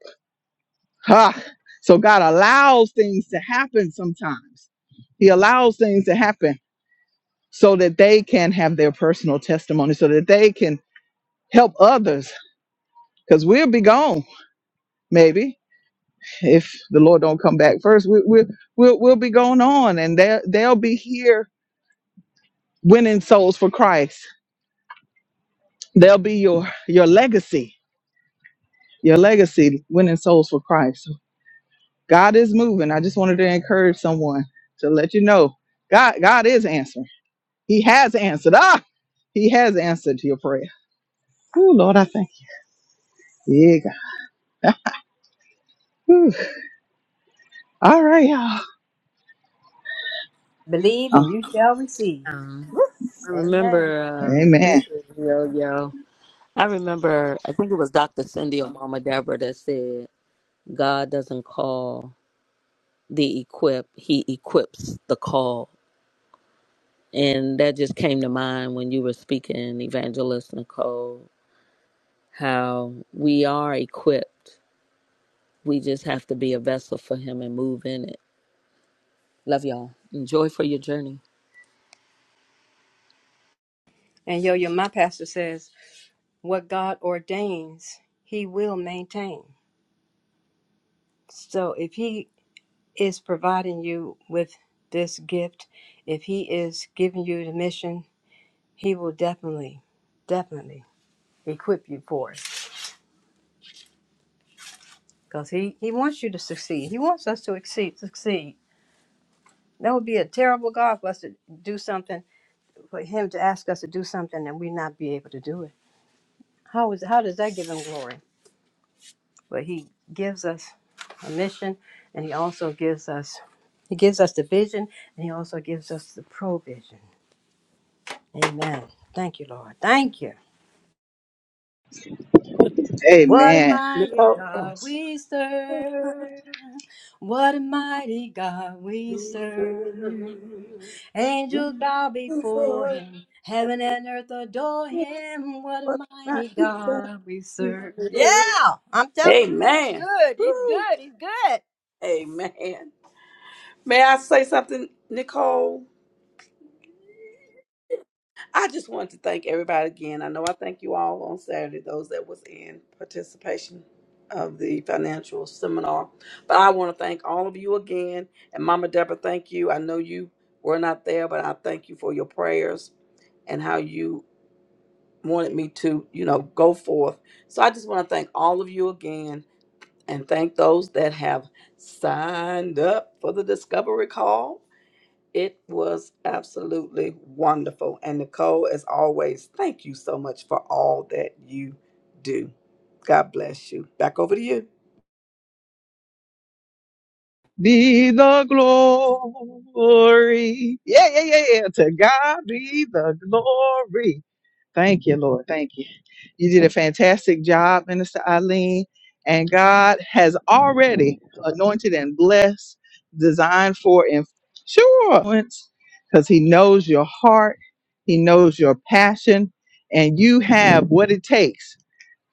[SPEAKER 1] Ha! So God allows things to happen sometimes. He allows things to happen so that they can have their personal testimony, so that they can help others. Because we'll be gone, maybe, if the Lord don't come back first. We, we'll, we'll, we'll be going on, and they'll, they'll be here winning souls for Christ. They'll be your, your legacy, your legacy, winning souls for Christ. So God is moving. I just wanted to encourage someone to let you know God, God is answering. He has answered. Ah, He has answered your prayer. Oh, Lord, I thank you. Yeah, God. Whew. All right, y'all.
[SPEAKER 4] Believe
[SPEAKER 1] Uh,
[SPEAKER 4] and you shall receive.
[SPEAKER 12] Um,
[SPEAKER 4] Woo.
[SPEAKER 12] I
[SPEAKER 4] Amen.
[SPEAKER 12] remember uh, this
[SPEAKER 1] amen.
[SPEAKER 12] is yo yo. I remember I think it was Dr. Cindy or Mama Deborah that said God doesn't call the equip, he equips the call. And that just came to mind when you were speaking, Evangelist Nicole, how we are equipped. We just have to be a vessel for him and move in it. Love y'all. Enjoy for your journey.
[SPEAKER 4] And yo, yo, my pastor says, what God ordains, he will maintain. So if he is providing you with this gift, if he is giving you the mission, he will definitely, definitely equip you for it. Because he, he wants you to succeed. He wants us to exceed, succeed. That would be a terrible God for us to do something, for Him to ask us to do something and we not be able to do it. How is how does that give Him glory? But He gives us a mission, and He also gives us He gives us the vision, and He also gives us the provision. Amen. Thank you, Lord. Thank you. What a
[SPEAKER 1] Amen.
[SPEAKER 4] mighty
[SPEAKER 2] Nicole.
[SPEAKER 4] God we serve. What a mighty God we serve.
[SPEAKER 2] Oh.
[SPEAKER 4] Angels
[SPEAKER 2] Amen.
[SPEAKER 4] bow before him. Heaven and earth adore him. What a mighty God we serve. Yeah, I'm telling you, he's good. He's
[SPEAKER 2] Woo.
[SPEAKER 4] good. He's good.
[SPEAKER 2] Amen. May I say something, Nicole? I just want to thank everybody again. I know I thank you all on Saturday, those that was in participation of the financial seminar. But I want to thank all of you again. And Mama Deborah, thank you. I know you were not there, but I thank you for your prayers and how you wanted me to, you know, go forth. So I just want to thank all of you again and thank those that have signed up for the discovery call. It was absolutely wonderful. And Nicole, as always, thank you so much for all that you do. God bless you. Back over to you.
[SPEAKER 1] Be the glory. Yeah, yeah, yeah, yeah. To God be the glory. Thank you, Lord. Thank you. You did a fantastic job, Minister Eileen. And God has already anointed and blessed, designed for influence, because He knows your heart, He knows your passion, and you have what it takes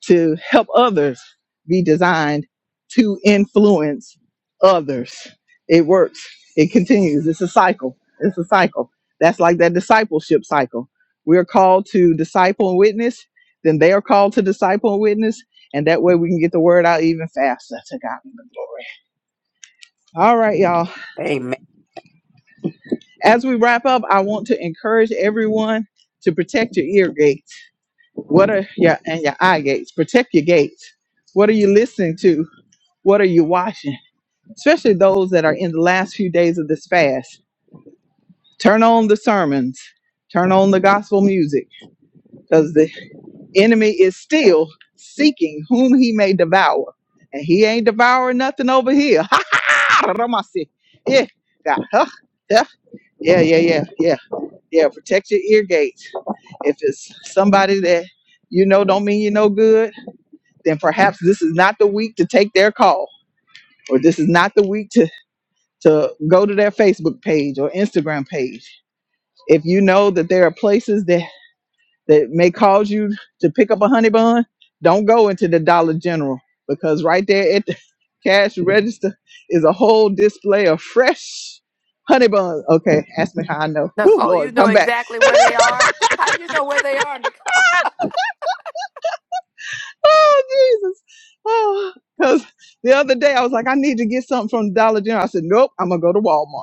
[SPEAKER 1] to help others be designed to influence others. It works. It continues. It's a cycle. It's a cycle. That's like that discipleship cycle. We are called to disciple and witness, then they are called to disciple and witness, and that way we can get the word out even faster to God be the glory. All right, y'all.
[SPEAKER 2] Amen.
[SPEAKER 1] As we wrap up, I want to encourage everyone to protect your ear gates. What are your and your eye gates? Protect your gates. What are you listening to? What are you watching? Especially those that are in the last few days of this fast. Turn on the sermons, turn on the gospel music, because the enemy is still seeking whom he may devour. And he ain't devouring nothing over here. Ha ha! Ramasi. Yeah, God. Huh? Yeah, yeah, yeah, yeah, yeah. Yeah, protect your ear gates. If it's somebody that you know don't mean you no good, then perhaps this is not the week to take their call, or this is not the week to to go to their Facebook page or Instagram page. If you know that there are places that, that may cause you to pick up a honey bun, don't go into the Dollar General because right there at the cash register is a whole display of fresh honey buns. Okay, ask me how I know. Whew,
[SPEAKER 11] Nicole, you
[SPEAKER 1] Lord,
[SPEAKER 11] know
[SPEAKER 1] come back.
[SPEAKER 11] exactly where they are. How you know where they are, Nicole?
[SPEAKER 1] oh, Jesus. Oh, because the other day I was like, I need to get something from Dollar General. I said, nope, I'm going to go to Walmart.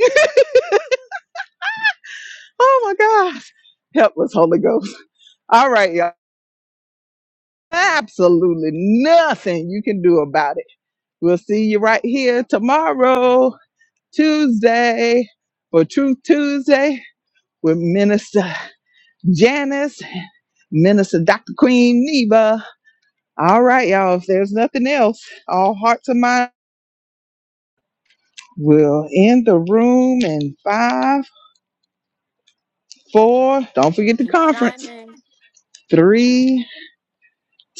[SPEAKER 1] oh, my gosh. Help us, Holy Ghost. All right, y'all. Absolutely nothing you can do about it. We'll see you right here tomorrow, Tuesday, for Truth Tuesday with Minister Janice, Minister Dr. Queen Neva. All right, y'all. If there's nothing else, all hearts and minds we will end the room in five, four. Don't forget the
[SPEAKER 11] Keep
[SPEAKER 1] conference.
[SPEAKER 11] shining.
[SPEAKER 1] Three,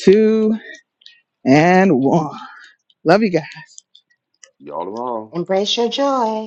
[SPEAKER 1] two, and one. Love you guys.
[SPEAKER 8] y'all tomorrow.
[SPEAKER 7] Embrace your joy.